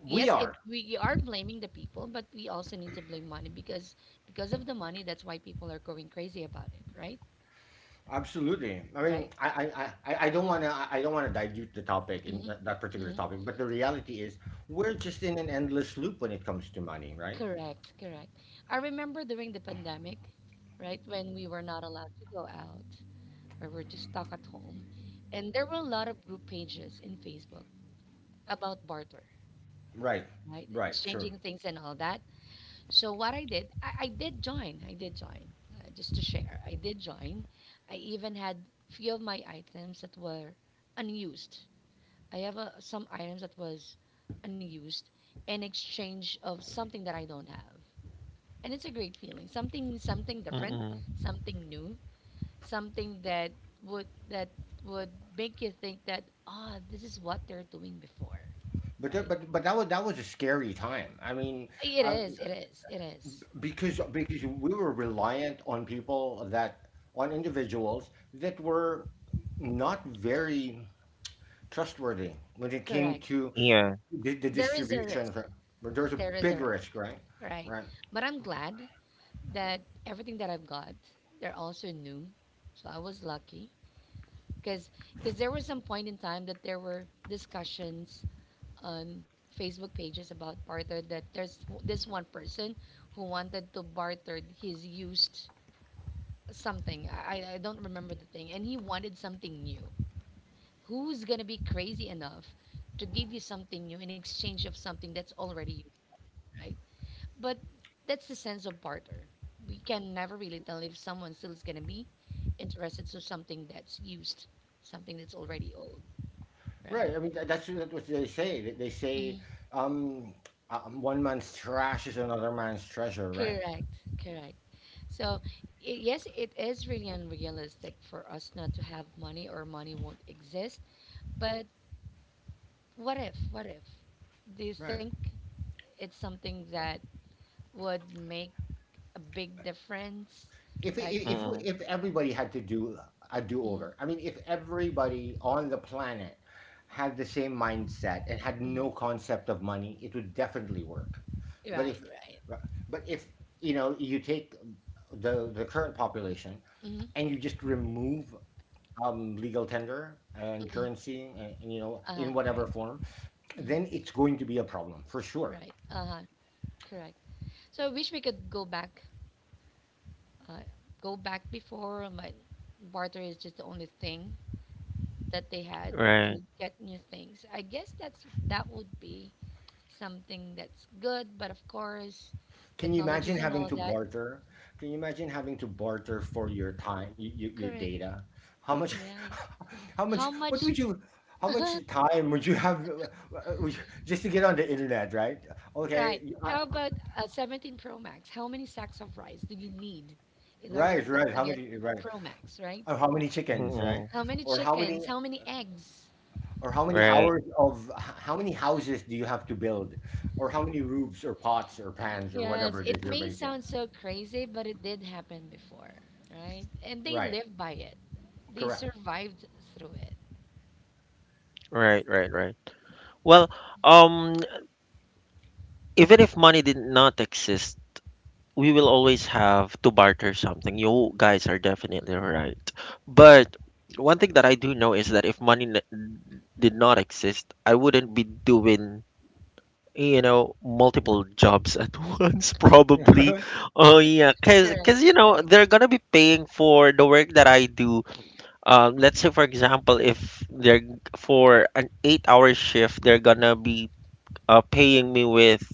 Speaker 2: Yes, it
Speaker 3: are
Speaker 2: we are blaming the people, but we also need to blame money because of the money that's why people are going crazy about it, right?
Speaker 3: absolutely. I mean,
Speaker 2: Right.
Speaker 3: I don't wanna, I don't wanna dilute the topic in
Speaker 2: Mhm.
Speaker 3: that, that particular
Speaker 2: Mhm.
Speaker 3: topic, but the reality is, we're just in an endless loop when it comes to money, right?
Speaker 2: Correct, correct. I remember during the pandemic, right, when we were not allowed to go out, where we're just stuck at home. And there were a lot of group pages in Facebook about barter,
Speaker 3: Right,
Speaker 2: right?
Speaker 3: right, sure.
Speaker 2: Exchanging things and all that. So what I did, I did join. I did join. Just to share, I did join. I even had few of my items that were unused. I have some items that was unused in exchange of something that I don't have. And it's a great feeling. Something different,
Speaker 1: Mm-mm.
Speaker 2: something new, something that would that would make you think that ah, this is what they're doing before,
Speaker 3: But that,
Speaker 2: right?
Speaker 3: but that was a scary time. I mean,
Speaker 2: It is,
Speaker 3: um,
Speaker 2: it is, it is.
Speaker 3: because we were reliant on people that, on individuals that were not very trustworthy when it came
Speaker 2: Correct.
Speaker 3: to
Speaker 1: Yeah.
Speaker 3: the
Speaker 2: There is a
Speaker 3: distribution.
Speaker 2: risk,
Speaker 3: There was a
Speaker 2: there is a
Speaker 3: big
Speaker 2: risk,
Speaker 3: risk, right?
Speaker 2: right?
Speaker 3: Right.
Speaker 2: But I'm glad that everything that I've got, they're also new, so I was lucky because because there was some point in time that there were discussions on Facebook pages about barter that there's this one person who wanted to barter his used something. I don't remember the thing. And he wanted something new. Who's going to be crazy enough to give you something new in exchange of something that's already used, right? But that's the sense of barter. We can never really tell if someone still is going to be interested to something that's used, something that's already old, right?
Speaker 3: Right. I mean, that's what they say. They
Speaker 2: Mhm.
Speaker 3: say, um, one man's trash is another man's treasure, right?
Speaker 2: Correct, correct. So, I yes, it is really unrealistic for us not to have money or money won't exist. But what if do you
Speaker 3: Right.
Speaker 2: think it's something that would make a big difference
Speaker 3: If
Speaker 2: like
Speaker 1: Mm-mm.
Speaker 3: if everybody had to do a
Speaker 2: mm,
Speaker 3: do-over, I mean, if everybody on the planet had the same mindset and had
Speaker 2: mm,
Speaker 3: no concept of money, it would definitely work. But
Speaker 2: right
Speaker 3: if
Speaker 2: right
Speaker 3: but if you know you take the current population
Speaker 2: mm,
Speaker 3: and you just remove legal tender and
Speaker 2: mm,
Speaker 3: currency, and you know in whatever
Speaker 2: right
Speaker 3: form,
Speaker 2: mm,
Speaker 3: then it's going to be a problem for sure.
Speaker 2: right correct. So I wish we could go back, uh, go back before, but barter is just the only thing that they had
Speaker 1: Right.
Speaker 2: to get new things. I guess that's that would be something that's good, but of course,
Speaker 3: Can you
Speaker 2: technologies
Speaker 3: imagine
Speaker 2: and
Speaker 3: having
Speaker 2: all
Speaker 3: to
Speaker 2: that.
Speaker 3: barter? Can you imagine having to barter for your time, your
Speaker 2: Correct.
Speaker 3: data? How much,
Speaker 2: Right.
Speaker 3: [laughs] how much,
Speaker 2: How much,
Speaker 3: how much time would you have would you- just to get on the internet, right?
Speaker 2: right?
Speaker 3: Okay,
Speaker 2: How about a 17 Pro Max? How many sacks of rice do you need in order
Speaker 3: right,
Speaker 2: for you
Speaker 3: right.
Speaker 2: to
Speaker 3: How
Speaker 2: get
Speaker 3: many,
Speaker 2: a
Speaker 3: right?
Speaker 2: Pro Max, right?
Speaker 3: Or how many chickens, right?
Speaker 1: Mm-mm.
Speaker 2: How many
Speaker 3: Or how many,
Speaker 2: chickens? How many eggs?
Speaker 3: or how many
Speaker 1: Right.
Speaker 3: hours of, how many houses do you have to build? Or how many roofs or pots or pans or
Speaker 2: Yes,
Speaker 3: whatever it is
Speaker 2: it
Speaker 3: you're
Speaker 2: may
Speaker 3: making?
Speaker 2: sound so crazy, but it did happen before, right? And they
Speaker 3: Right,
Speaker 2: lived by it. They
Speaker 3: correct.
Speaker 2: survived through it.
Speaker 1: Right. Right. Right. Well, um, even if money did not exist, we will always have to barter something. You guys are definitely right.
Speaker 2: Mm,
Speaker 1: But one thing that I do know is that if money did not exist, I wouldn't be doing, multiple jobs at [laughs] once, probably.
Speaker 3: [laughs]
Speaker 1: Oh, yeah, because,
Speaker 2: correct.
Speaker 1: because, you know, they're gonna be paying for the work that I do. Let's say, for example, if they're for an eight-hour shift, they're gonna be paying me with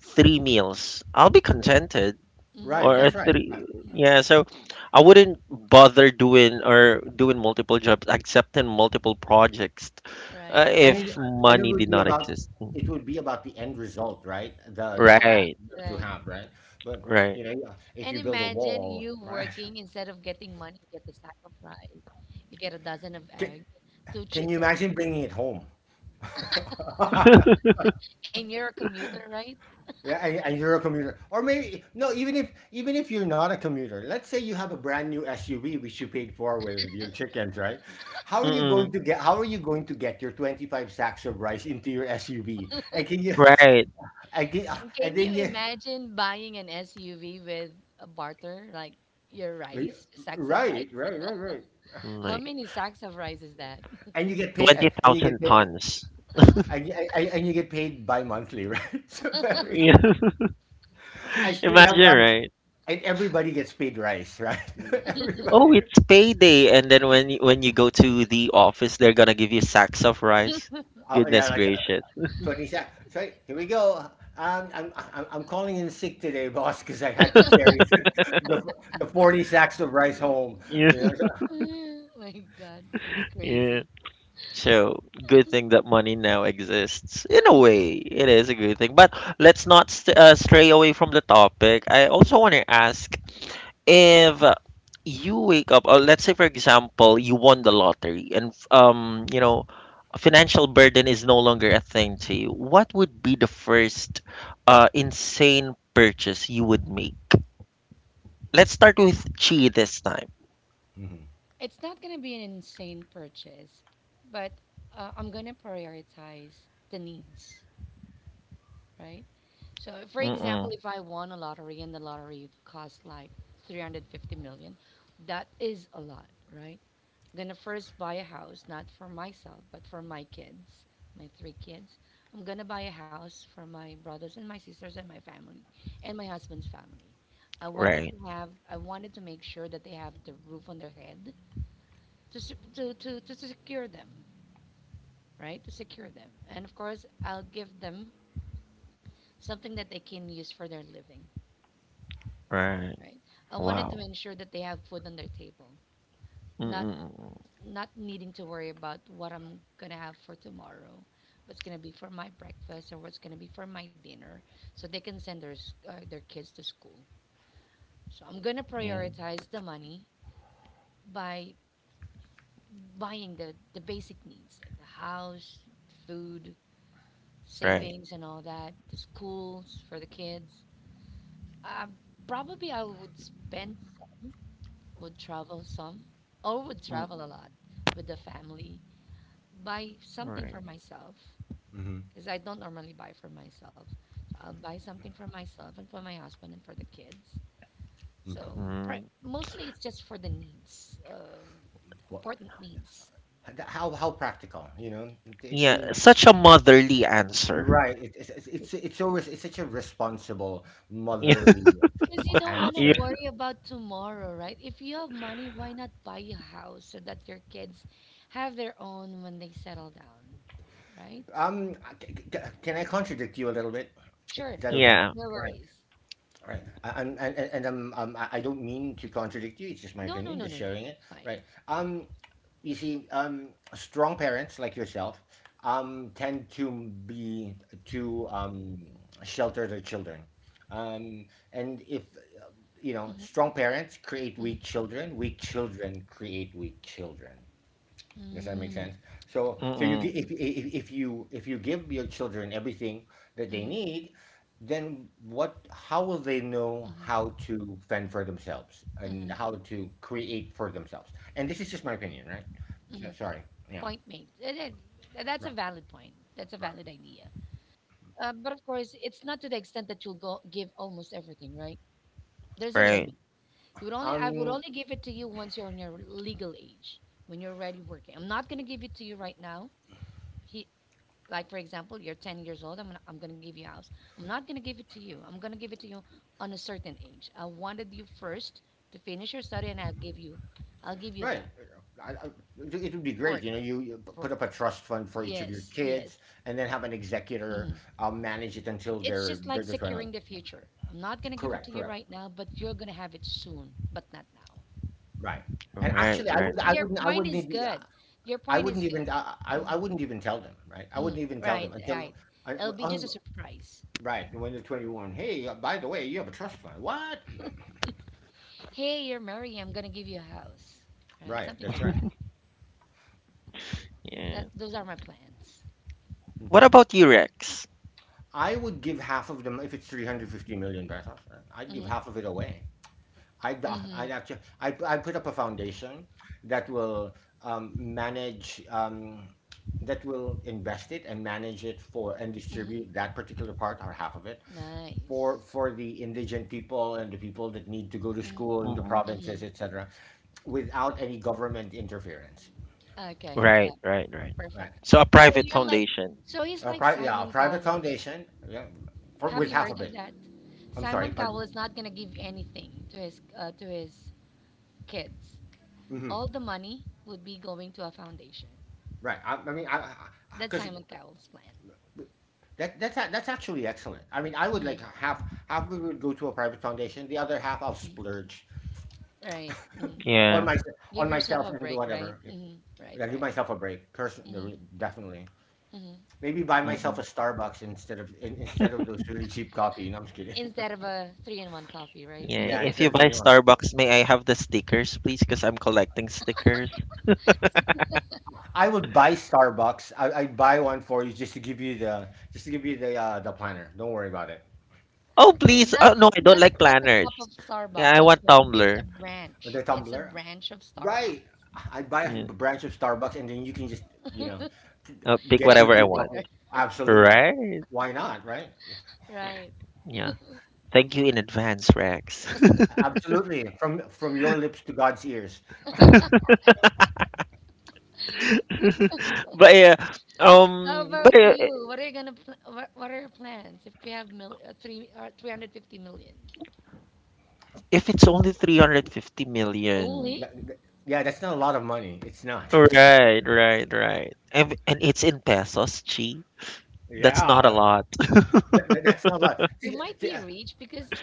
Speaker 1: three meals, I'll be contented.
Speaker 3: Right,
Speaker 1: Or
Speaker 3: that's
Speaker 2: Hmm.
Speaker 3: right. Right.
Speaker 1: three, yeah. So I wouldn't bother doing multiple jobs, accepting multiple projects,
Speaker 2: Right.
Speaker 3: And it,
Speaker 1: if
Speaker 3: and it
Speaker 1: money
Speaker 3: would
Speaker 1: did
Speaker 3: be
Speaker 1: not
Speaker 3: about,
Speaker 1: exist.
Speaker 3: it would be about the end result, right? The
Speaker 2: Correct.
Speaker 3: craft
Speaker 1: Right,
Speaker 3: that you
Speaker 2: Correct.
Speaker 3: have, right? But
Speaker 1: right,
Speaker 3: you know, if
Speaker 2: And
Speaker 3: you build a
Speaker 2: imagine
Speaker 3: wall,
Speaker 2: you
Speaker 3: right?
Speaker 2: working instead of getting money, you get a sack of rice, you get a dozen of
Speaker 3: [laughs] Can,
Speaker 2: egg, two
Speaker 3: can you
Speaker 2: chicken,
Speaker 3: imagine bringing it home? [laughs]
Speaker 2: and you're a commuter, right?
Speaker 3: Yeah, and you're a commuter, or maybe no. Even if you're not a commuter, let's say you have a brand new SUV which you paid for with your chickens, right?
Speaker 1: mm-mm,
Speaker 3: How are you going to get your 25 sacks of rice into your SUV? And can you
Speaker 1: right.
Speaker 3: I did,
Speaker 2: And can
Speaker 3: and
Speaker 2: you
Speaker 3: then you,
Speaker 2: imagine buying an SUV with a barter, like your
Speaker 3: right,
Speaker 2: rice, sacks of
Speaker 3: right,
Speaker 2: rice?
Speaker 3: right, right,
Speaker 2: How
Speaker 1: Like
Speaker 2: many sacks of rice is that? [laughs]
Speaker 3: and you get paid,
Speaker 1: twenty thousand tons.
Speaker 3: and, and you get paid bi-monthly, right? [laughs] So every, time,
Speaker 1: [laughs]
Speaker 3: I still have
Speaker 1: Imagine,
Speaker 3: rice,
Speaker 1: right?
Speaker 3: and everybody gets paid rice, right? [laughs]
Speaker 1: Mm. Oh,
Speaker 3: Everybody,
Speaker 1: it's payday, and then when you go to the office, they're gonna give you sacks of rice.
Speaker 3: oh yeah,
Speaker 1: Goodness
Speaker 3: like
Speaker 1: gracious! [laughs]
Speaker 3: 27. So here we go. I'm calling in sick today, [laughs] boss, because I had to carry [laughs] the the 40 sacks of rice home.
Speaker 1: Yeah,
Speaker 3: You know, so-
Speaker 2: Oh my God, that's crazy.
Speaker 1: yeah. So, good thing that money now exists. In a way, it is a good thing. But let's not st stray away from the topic. I also want to ask if you wake up, or let's say, for example, you won the lottery and, financial burden is no longer a thing to you. What would be the first insane purchase you would make? Let's start with Chi this time.
Speaker 3: Mm-hmm.
Speaker 2: It's not going to be an insane purchase, but I'm going to prioritize the needs, right? So, for example,
Speaker 1: Mm-mm.
Speaker 2: if I won a lottery and the lottery cost like 350 million, that is a lot, right? I'm gonna first buy a house, not for myself, but for my kids, my three kids. I'm gonna buy a house for my brothers and my sisters and my family and my husband's family. I wanted
Speaker 1: Right,
Speaker 2: to have, I wanted to make sure that they have the roof on their head to secure them, right? To secure them, and of course, I'll give them something that they can use for their living,
Speaker 1: right.
Speaker 2: right? I wanted to
Speaker 1: Wow.
Speaker 2: ensure that they have food on their table, not
Speaker 1: Mm-mm.
Speaker 2: not needing to worry about what I'm gonna have for tomorrow, what's gonna be for my breakfast, or what's gonna be for my dinner, so they can send their kids to school. So I'm gonna
Speaker 1: Yeah,
Speaker 2: prioritize the money by buying the basic needs like the house, food,
Speaker 1: right.
Speaker 2: savings, and all that, the schools for the kids. Uh, Probably I would spend some, would travel some, or would travel a lot with the family, buy something
Speaker 1: Right.
Speaker 2: for myself
Speaker 3: Mm-hmm.
Speaker 2: because I don't normally buy for myself. So I'll buy something for myself and for my husband and for the kids. So
Speaker 3: Mm.
Speaker 2: pri
Speaker 1: Mm.
Speaker 2: mostly it's just for the needs, important needs.
Speaker 3: How practical, you know? It, I
Speaker 1: Yeah,
Speaker 3: mean,
Speaker 1: such a motherly answer. [laughs]
Speaker 3: right. It, it's always it's such a responsible
Speaker 1: Yeah.
Speaker 3: motherly
Speaker 2: Because you don't want to
Speaker 1: Yeah,
Speaker 3: answer.
Speaker 2: worry about tomorrow, right? If you have money, why not buy a house so that your kids have their own when they settle down, right?
Speaker 3: Can I contradict you a little bit? Is
Speaker 2: Sure,
Speaker 3: that okay?
Speaker 1: yeah.
Speaker 2: no
Speaker 3: Right.
Speaker 2: worries.
Speaker 3: Right. And I don't mean to contradict you. It's just my
Speaker 2: No, no,
Speaker 3: opinion,
Speaker 2: no,
Speaker 3: just
Speaker 2: no, no.
Speaker 3: sharing it. Right.
Speaker 2: Fine.
Speaker 3: Um, you see, strong parents like yourself, tend to be to shelter their children. Um, and if you know,
Speaker 2: Mm-hmm,
Speaker 3: strong parents create
Speaker 2: mm-hmm,
Speaker 3: weak children. Weak children create weak children. Does that make sense? So, you
Speaker 1: Mm-mm.
Speaker 3: if
Speaker 2: mm-hmm,
Speaker 3: you, if you give your children everything that
Speaker 2: mm-hmm,
Speaker 3: they need, then what? How will they know
Speaker 2: mm-hmm,
Speaker 3: how to fend for themselves
Speaker 2: mm-hmm,
Speaker 3: and how to create for themselves? And this is just my opinion, right?
Speaker 2: mm-hmm.
Speaker 3: So, sorry, yeah,
Speaker 2: Point made. And then, that's a
Speaker 3: right,
Speaker 2: valid point. That's a
Speaker 3: right.
Speaker 2: valid idea. But of course, it's not to the extent that you'll go give almost everything, right? There's a
Speaker 1: Right.
Speaker 2: limit. You would only I would
Speaker 3: Um,
Speaker 2: only give it to you once you're on your legal age, when you're already working. I'm not gonna give it to you right now. He, like for example, you're 10 years old. I'm gonna give you a house. I'm not gonna give it to you. I'm gonna give it to you on a certain age. I wanted you first to finish your study, and I'll give you
Speaker 3: right.
Speaker 2: that
Speaker 3: I, I, it would be great,
Speaker 2: work,
Speaker 3: you know. You, put
Speaker 2: work.
Speaker 3: up a trust fund for each of your
Speaker 2: Yes, yes.
Speaker 3: kids, and then have an executor
Speaker 2: Mhm.
Speaker 3: manage it until
Speaker 2: It's
Speaker 3: they're
Speaker 2: just like
Speaker 3: they're just
Speaker 2: securing
Speaker 3: running.
Speaker 2: the future. I'm not going to give it to
Speaker 3: Correct,
Speaker 2: you
Speaker 3: correct.
Speaker 2: right now, but you're going to have it soon, but not now.
Speaker 3: Right. And
Speaker 1: Right.
Speaker 3: actually,
Speaker 2: But
Speaker 1: Right. Right.
Speaker 2: your point is good. Your
Speaker 3: I
Speaker 2: point is
Speaker 3: wouldn't
Speaker 2: good.
Speaker 3: even, I
Speaker 2: Mhm,
Speaker 3: wouldn't even tell them, right? I
Speaker 2: mhm.
Speaker 3: wouldn't even tell
Speaker 2: Right,
Speaker 3: them until,
Speaker 2: right.
Speaker 3: I,
Speaker 2: It'll be just
Speaker 3: oh,
Speaker 2: a surprise.
Speaker 3: right, when they're 21. Hey, by the way, you have a trust fund. What? [laughs]
Speaker 2: Hey, you're married. I'm going to give you a house.
Speaker 3: [clears throat]
Speaker 2: Right?
Speaker 3: Right,
Speaker 2: Something
Speaker 3: that's
Speaker 2: like
Speaker 3: right.
Speaker 2: that.
Speaker 1: Yeah.
Speaker 2: That those are my plans.
Speaker 1: What
Speaker 3: Mhm.
Speaker 1: about you, Rex?
Speaker 3: I would give half of them, if it's 350 million pesos, right? I'd give
Speaker 2: Mhm.
Speaker 3: half of it away. I'd
Speaker 2: Mhm.
Speaker 3: actually, I put up a foundation that will manage, that will invest it and manage it for, and
Speaker 2: Mhm.
Speaker 3: distribute that particular part or half of it
Speaker 2: Nice.
Speaker 3: for the indigent people and the people that need to go to
Speaker 2: Mhm,
Speaker 3: school in the
Speaker 1: Mm-mm.
Speaker 3: provinces,
Speaker 2: mhm.
Speaker 3: etc., without any government interference,
Speaker 2: Okay. Yeah.
Speaker 1: Right. Right. Right.
Speaker 3: right?
Speaker 2: Perfect.
Speaker 1: So a
Speaker 2: So
Speaker 1: private
Speaker 2: you're like,
Speaker 1: foundation.
Speaker 2: so he's like
Speaker 3: Yeah, a
Speaker 2: Simon
Speaker 3: private
Speaker 2: Cowell.
Speaker 3: foundation, yeah, for,
Speaker 2: Have
Speaker 3: with
Speaker 2: you
Speaker 3: half
Speaker 2: heard
Speaker 3: of
Speaker 2: of
Speaker 3: it.
Speaker 2: that?
Speaker 3: I'm
Speaker 2: Simon
Speaker 3: sorry,
Speaker 2: Cowell
Speaker 3: pardon.
Speaker 2: is not gonna give anything to his kids. All
Speaker 3: Hmm.
Speaker 2: the money would be going to a foundation.
Speaker 3: Right. I mean, I
Speaker 2: That's
Speaker 3: Because
Speaker 2: Simon Cowell's plan.
Speaker 3: that that's a- that's actually excellent. I mean, I would
Speaker 2: Mm-hmm.
Speaker 3: like, half of it would go to a private foundation, the other half I'll splurge
Speaker 2: Right. Hmm.
Speaker 3: on
Speaker 1: Yeah.
Speaker 3: my,
Speaker 2: Give
Speaker 3: on
Speaker 2: yourself
Speaker 3: myself
Speaker 2: a
Speaker 3: and do
Speaker 2: break.
Speaker 3: whatever.
Speaker 2: Right. Hmm.
Speaker 3: Yeah,
Speaker 2: Right.
Speaker 3: give
Speaker 2: Right.
Speaker 3: myself a break.
Speaker 2: Hmm.
Speaker 3: Person, definitely.
Speaker 2: Hmm.
Speaker 3: Maybe buy myself a
Speaker 1: Mm-mm.
Speaker 3: Starbucks instead of instead of those really cheap coffee. No, I'm just kidding.
Speaker 2: Instead of a three-in-one coffee. Right.
Speaker 3: [laughs]
Speaker 1: Yeah.
Speaker 3: Yeah,
Speaker 2: [laughs]
Speaker 1: If you
Speaker 3: instead of
Speaker 1: buy
Speaker 3: really one.
Speaker 1: Starbucks, may I have the stickers, please? Because I'm collecting stickers.
Speaker 3: I would buy Starbucks. I'd buy one for you just to give you the, just to give you the planner. Don't worry about it.
Speaker 1: Oh,
Speaker 3: You know,
Speaker 1: please. Oh
Speaker 2: Not
Speaker 1: no, I don't
Speaker 2: not
Speaker 1: like
Speaker 2: not a cup
Speaker 1: planners.
Speaker 2: of
Speaker 1: Yeah, I
Speaker 2: Starbucks.
Speaker 1: want
Speaker 2: Okay. It's
Speaker 1: Tumblr.
Speaker 2: a
Speaker 3: or the
Speaker 2: branch. It's a
Speaker 3: tumbler.
Speaker 2: branch of
Speaker 3: Right.
Speaker 2: Starbucks.
Speaker 3: I'd buy a
Speaker 1: Yeah.
Speaker 3: branch of Starbucks and then you can just you know
Speaker 1: I'll pick
Speaker 3: get your
Speaker 2: Get
Speaker 1: whatever I
Speaker 2: the
Speaker 3: feet off.
Speaker 1: want.
Speaker 2: sticker.
Speaker 3: Absolutely.
Speaker 1: Right.
Speaker 3: Why not? Right. Yeah.
Speaker 2: [laughs] Right.
Speaker 1: Yeah. Thank you in advance, Rex. [laughs]
Speaker 3: Absolutely. From your lips to God's ears.
Speaker 1: But yeah,
Speaker 2: How
Speaker 1: um, but
Speaker 2: about
Speaker 1: uh,
Speaker 2: you? What are you gonna what are your plans if you have three or 350 million?
Speaker 1: if it's only 350 million,
Speaker 3: Th-
Speaker 2: Only
Speaker 3: th- Yeah, that's not a lot of money. It's not. [laughs]
Speaker 1: right, right, right, and it's in pesos, Chi, that's not a
Speaker 3: Yeah,
Speaker 1: lot.
Speaker 3: that that's not a lot.
Speaker 2: you
Speaker 3: Think
Speaker 2: might
Speaker 3: thi
Speaker 2: be rich because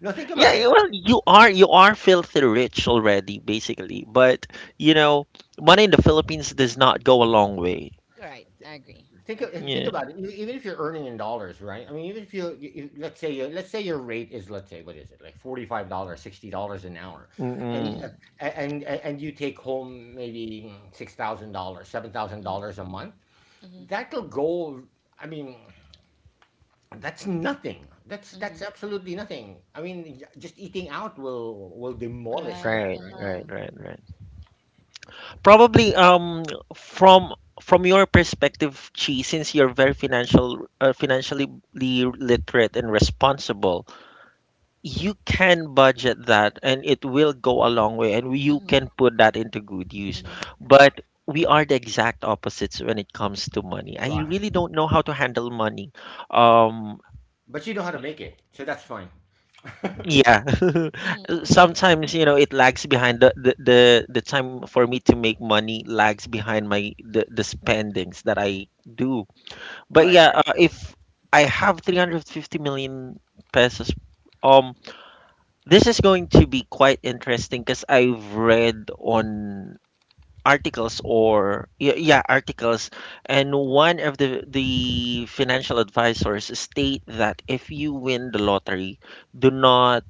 Speaker 3: No, think
Speaker 1: Yeah,
Speaker 3: about it.
Speaker 2: okay,
Speaker 1: well, you are filthy rich already, basically. But you know, money in the Philippines does not go a long way.
Speaker 2: right. I agree, I agree.
Speaker 3: Think
Speaker 1: Yeah.
Speaker 3: about it. E Even if you're earning in dollars, right? I mean, even if you let's say your rate is, let's say, what is it? Like $45, $60 an hour. And,
Speaker 1: Mm-mm.
Speaker 2: Mm-hmm,
Speaker 3: a and a and you take home maybe $6,000, $7,000 a
Speaker 2: mm-hmm,
Speaker 3: month.
Speaker 2: mm-hmm,
Speaker 3: That'll go I mean, That's nothing. That's
Speaker 2: mm-hmm.
Speaker 3: that's absolutely nothing. I mean, j just eating out will demolish
Speaker 2: Right.
Speaker 3: that,
Speaker 1: Right,
Speaker 3: right?
Speaker 1: right,
Speaker 2: Uh-huh.
Speaker 1: right, right. Probably, from from your perspective, Chi, since you're very financially literate and responsible, you can budget that and it will go a long way and you
Speaker 2: Mm-hmm,
Speaker 1: can put that into good use,
Speaker 2: mm-hmm,
Speaker 1: but we are the exact opposites when it comes to money. I
Speaker 3: Right.
Speaker 1: really don't know how to handle money um
Speaker 3: But you know how to make it, so that's fine.
Speaker 1: yeah.
Speaker 2: mm-hmm,
Speaker 1: [laughs]
Speaker 2: mm-hmm.
Speaker 1: Sometimes, it lags behind the the time for me to make money lags behind the spendings that I do. But
Speaker 3: Right,
Speaker 1: yeah,
Speaker 3: right.
Speaker 1: if I have 350 million pesos um This is going to be quite interesting because I've read on articles, or y- yeah articles, and one of the financial advisors state that if you win the lottery, do not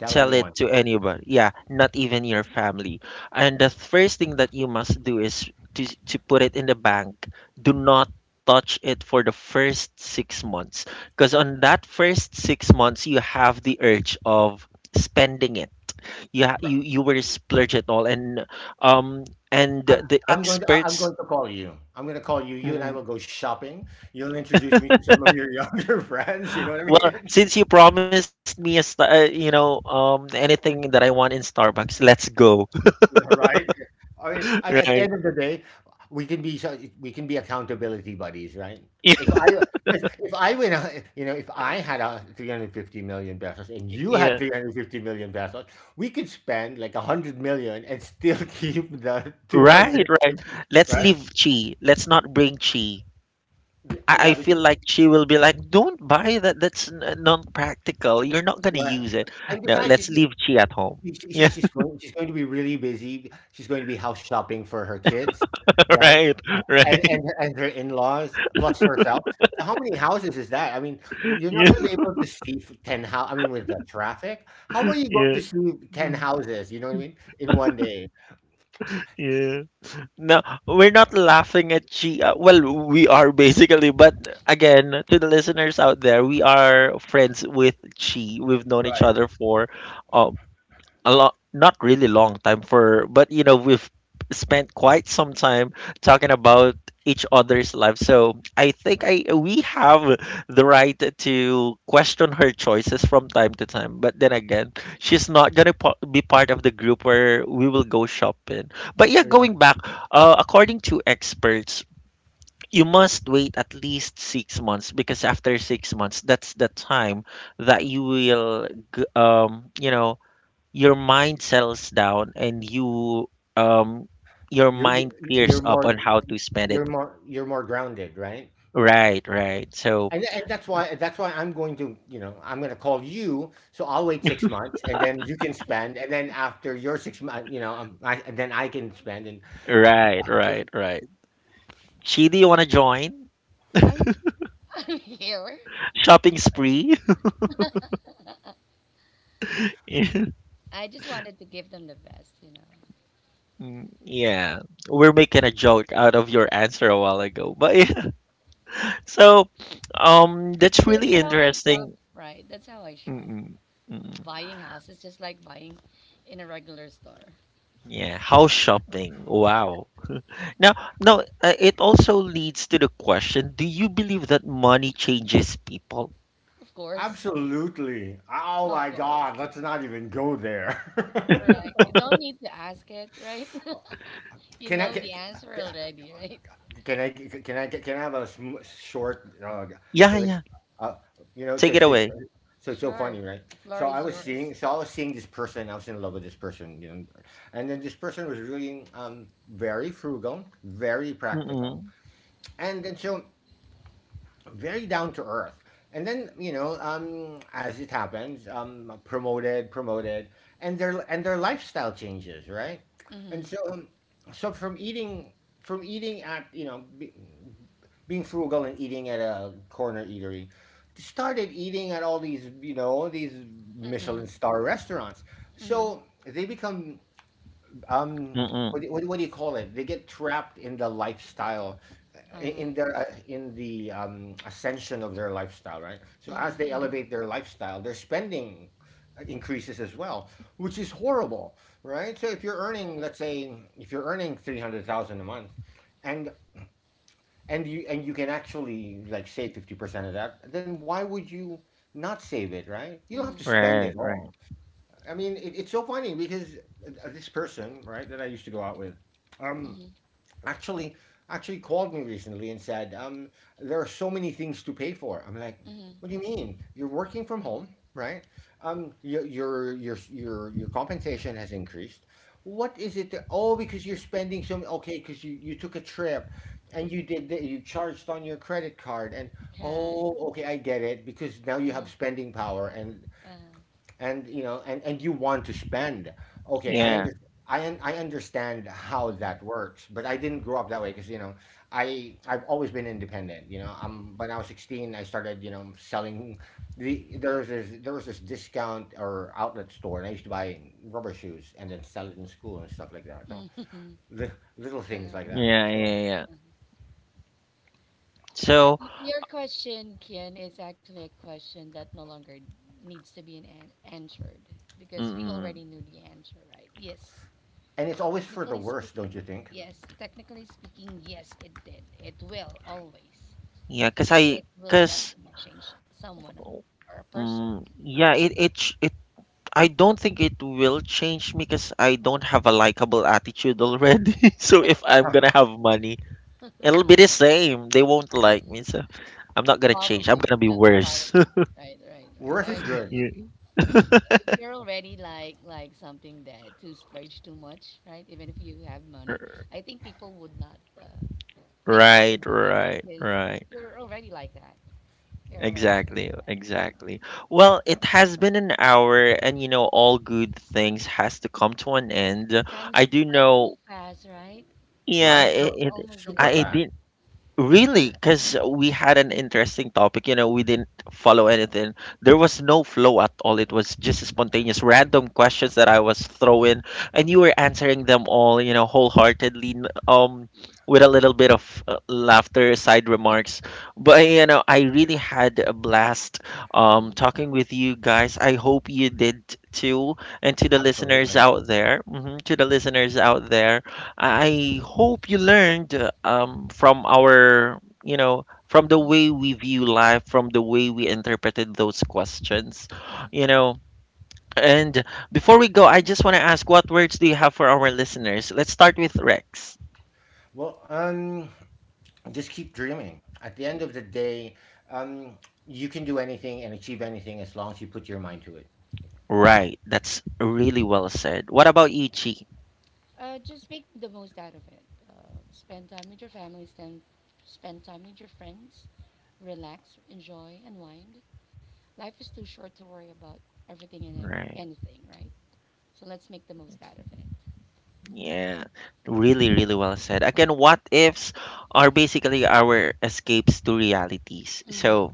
Speaker 3: Tell
Speaker 1: tell it
Speaker 3: anyone.
Speaker 1: to anybody, yeah, not even your family. And the first thing that you must do is to put it in the bank. Do not touch it for the first 6 months, because on that first 6 months you have the urge of spending it. Yeah,
Speaker 3: Bro,
Speaker 1: you were splurged at all, and um
Speaker 3: I'm,
Speaker 1: the
Speaker 3: I'm going to I'm
Speaker 1: experts.
Speaker 3: going to call you. I'm going to call you. You and I
Speaker 1: Mm,
Speaker 3: will go shopping. You'll introduce me to some of your younger [laughs] friends. You know what I
Speaker 1: well,
Speaker 3: mean?
Speaker 1: since you promised me anything that I want in Starbucks, let's go.
Speaker 3: [laughs] Right? I mean,
Speaker 1: [laughs]
Speaker 3: at
Speaker 1: Right.
Speaker 3: the end of the day, we can be we can be accountability buddies, right? If I 'Cause if I win, you know, if I had a 350 million pesos and
Speaker 1: [laughs]
Speaker 3: you had
Speaker 1: Yeah,
Speaker 3: 350 million pesos, we could spend like 100 million and still [laughs] keep the
Speaker 1: right, right.
Speaker 3: 250,
Speaker 1: Let's
Speaker 3: right?
Speaker 1: leave Chi, let's not bring Chi. I
Speaker 3: Yeah, we
Speaker 1: feel like she will be like, don't buy that, not practical, you're not gonna
Speaker 3: Right.
Speaker 1: use it.
Speaker 3: And
Speaker 1: No,
Speaker 3: besides,
Speaker 1: let's leave
Speaker 3: she,
Speaker 1: Chi at home.
Speaker 3: she,
Speaker 1: [laughs]
Speaker 3: she-
Speaker 1: Yeah,
Speaker 3: she's going she's going to be really busy. She's going to be house shopping for her kids, right?
Speaker 1: right,
Speaker 3: And
Speaker 1: right.
Speaker 3: her in laws plus herself. So how many houses is that? I mean, you're not
Speaker 1: [laughs] Yeah,
Speaker 3: going to be able to see ten house. I mean, with the traffic, how are you going
Speaker 1: yeah,
Speaker 3: to see ten
Speaker 1: mm,
Speaker 3: houses? You know what I mean? In one day,
Speaker 1: yeah. No, we're not laughing at Chi. Well, we are basically, but again, to the listeners out there, we are friends with Chi. We've known each
Speaker 3: right?
Speaker 1: other for uh, a lot, not really long time for, but we've spent quite some time talking about each other's life, so I think I we have the right to question her choices from time to time. But then again, she's not gonna po- be part of the group where we will go shopping. But yeah,
Speaker 3: Yeah,
Speaker 1: going back, according to experts, you must wait at least 6 months, because after 6 months, that's the time that you will, g- um you know your mind settles down and um your
Speaker 3: you're you're
Speaker 1: mind
Speaker 3: you're
Speaker 1: clears up
Speaker 3: more
Speaker 1: on how to spend it.
Speaker 3: grounded, right?
Speaker 1: Right, right. So,
Speaker 3: And, that's why I'm going to you know I'm going to call you. So I'll wait 6 months, and then you can spend, and then after your 6 months, you know, I can spend. And uh, uh,
Speaker 1: right, right, right. Chi, do you wanna join?
Speaker 2: I'm [laughs] I'm here. Of
Speaker 1: Shopping
Speaker 2: course.
Speaker 1: spree? [laughs]
Speaker 2: I just wanted to give them the best, you know.
Speaker 1: Mm, yeah, we're making a joke out of your answer a while ago, but yeah. [laughs] So, that's
Speaker 2: That's
Speaker 1: really
Speaker 2: how I shop,
Speaker 1: interesting.
Speaker 2: right? That's how I shop.
Speaker 1: Mm-mm, mm-mm.
Speaker 2: Buying houses just like buying in a regular store.
Speaker 1: Yeah, house shopping. Wow. Now, it also leads to the question: do you believe that money changes people?
Speaker 2: Of course,
Speaker 3: Absolutely, oh
Speaker 2: of
Speaker 3: my
Speaker 2: course.
Speaker 3: God, let's not even go there.
Speaker 2: Correct. You don't need to ask it, right? [laughs]
Speaker 3: [laughs]
Speaker 2: You
Speaker 3: Can I
Speaker 2: know
Speaker 3: get
Speaker 2: the answer already, right?
Speaker 3: can I can I Can I have a sm short,
Speaker 1: Yeah,
Speaker 3: like,
Speaker 1: yeah.
Speaker 3: uh, you know,
Speaker 1: Take it away.
Speaker 3: it's so
Speaker 2: Sure.
Speaker 3: funny, right?
Speaker 2: The floor is yours.
Speaker 3: So I was seeing this person. I was in love with this person, you know, and then this person was really very frugal, very practical,
Speaker 1: Mm-mm.
Speaker 3: and then so very down to earth. And then you know, as it happens, promoted, and their lifestyle changes, right? And
Speaker 2: Mm-hmm.
Speaker 3: so, so from eating from eating at you know being frugal and eating at a corner eatery, started eating at all these you know all these
Speaker 2: Mm-hmm.
Speaker 3: Michelin star restaurants.
Speaker 2: Mm-hmm.
Speaker 3: So they become um
Speaker 1: Mm-mm.
Speaker 3: what do you call it? They get trapped in the lifestyle in
Speaker 2: Uh-huh.
Speaker 3: their in the ascension of their lifestyle, right? So as they
Speaker 2: Mm-hmm. Mm-hmm.
Speaker 3: elevate their lifestyle, their spending increases as well, which is horrible, right? So if you're earning,
Speaker 2: Correct.
Speaker 3: let's say, if you're earning 300,000 a month, and you can actually like save 50% of that, then why would you not save it, right? You don't have
Speaker 2: Mm-hmm.
Speaker 3: to spend
Speaker 1: Right,
Speaker 3: it
Speaker 1: right.
Speaker 3: all. I mean, it's so funny because this person, right, that I used to go out with, um,
Speaker 2: Mm-hmm.
Speaker 3: actually actually called me recently and said, there are so many things to pay for. I'm like, what do you
Speaker 2: Mm-hmm.
Speaker 3: mean? You're working from home, right? Your compensation has increased. What is it? That, oh, because you're spending so many. Okay, because you took a trip, and you did you charged on your credit card, and
Speaker 2: Correct.
Speaker 3: oh, okay, I get it. Because now you
Speaker 2: Uh,
Speaker 3: have spending power, and
Speaker 2: uh,
Speaker 3: and you want to spend okay i
Speaker 1: Yeah,
Speaker 3: under I understand how
Speaker 2: mm-hmm.
Speaker 3: that works, but I didn't grow up that way because you know I've always been independent, you know, when I was 16 I started, you know, selling there was this discount or outlet store, and I used to buy rubber shoes and then sell it in school and stuff like that. So
Speaker 2: Mm-hmm.
Speaker 3: li- little
Speaker 2: [laughs]
Speaker 3: things
Speaker 2: Uh-huh.
Speaker 3: like that.
Speaker 1: yeah,
Speaker 3: So
Speaker 1: yeah, yeah.
Speaker 2: Uh-huh.
Speaker 1: So,
Speaker 2: Y- your question, Kian, is actually a question that no longer needs to be an answered because we
Speaker 1: mm-mm.
Speaker 2: already knew the answer, right? Yes.
Speaker 3: and it's always for the
Speaker 2: Technically
Speaker 3: worst,
Speaker 2: speaking,
Speaker 3: don't you think?
Speaker 2: yes. Technically speaking, yes, it did. It will always.
Speaker 1: Yeah, cause I,
Speaker 2: It will
Speaker 1: cause,
Speaker 2: definitely change someone or a person.
Speaker 1: mm, yeah, it, ch- it. I don't think it will change me because I don't have a likable attitude already. [laughs] So if I'm
Speaker 3: Huh,
Speaker 1: gonna have money, it'll be the same. They won't like me, so I'm not gonna change. I'm
Speaker 2: Probably,
Speaker 1: gonna be
Speaker 2: yeah,
Speaker 1: worse.
Speaker 2: probably.
Speaker 1: [laughs]
Speaker 2: Right, right, right. I
Speaker 3: worse is
Speaker 2: agree,
Speaker 3: good,
Speaker 2: I
Speaker 1: You
Speaker 2: agree. If
Speaker 1: [laughs]
Speaker 2: you're already like something that to splurge too much, right? Even if you have money, I think people would not think that would
Speaker 1: Right,
Speaker 2: change
Speaker 1: right,
Speaker 2: because
Speaker 1: right.
Speaker 2: you're already like that. You're already like
Speaker 1: Exactly,
Speaker 2: that.
Speaker 1: exactly. Well, it has been an hour and all good things has to come to an end.
Speaker 2: Time
Speaker 1: I do
Speaker 2: flies so
Speaker 1: know,
Speaker 2: fast, right?
Speaker 1: yeah,
Speaker 3: right? So
Speaker 1: it
Speaker 2: Almost an
Speaker 3: super
Speaker 1: I
Speaker 2: hour.
Speaker 3: fast,
Speaker 1: did. Really, because we had an interesting topic, you know, we didn't follow anything. There was no flow at all. It was just
Speaker 2: Hmm.
Speaker 1: spontaneous, random questions that I was throwing, and you were answering them all, wholeheartedly, with a little bit of laughter, side remarks. But you know, I really had a blast,
Speaker 2: Hmm.
Speaker 1: talking with you guys. I hope you did too, and to the listeners
Speaker 3: absolutely.
Speaker 1: out there, mhm, to the listeners out there. I hope you learned from our, from the
Speaker 2: Hmm.
Speaker 1: way we view life, from the way we interpreted those questions, you know. And before we go, I just want to ask, what words do you have for our listeners? Let's start with Rex.
Speaker 3: Well, just keep dreaming. At the end of the day, um, you can do anything and achieve anything as long as you put your mind to it.
Speaker 1: Right, that's really well said. What about you, Chi?
Speaker 2: Just make the most out of it. Uh, Spend time with your family, spend time with your friends, relax, enjoy, unwind. Life is too short to worry about everything and
Speaker 1: Right.
Speaker 2: anything, right? So let's make the most out of it.
Speaker 1: Yeah, really, really well said. Again, what ifs are basically our escapes to realities.
Speaker 2: Hmm.
Speaker 1: So,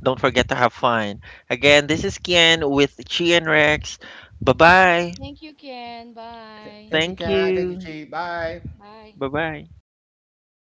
Speaker 1: don't forget to have fun. Again, this is Kian with Chi and Rex. Bye bye.
Speaker 2: Thank you, Ken. Bye.
Speaker 3: Thank you,
Speaker 1: Thank
Speaker 3: Kat. Thank you,
Speaker 1: you.
Speaker 3: Chi. Bye.
Speaker 2: Bye.
Speaker 1: Bye bye.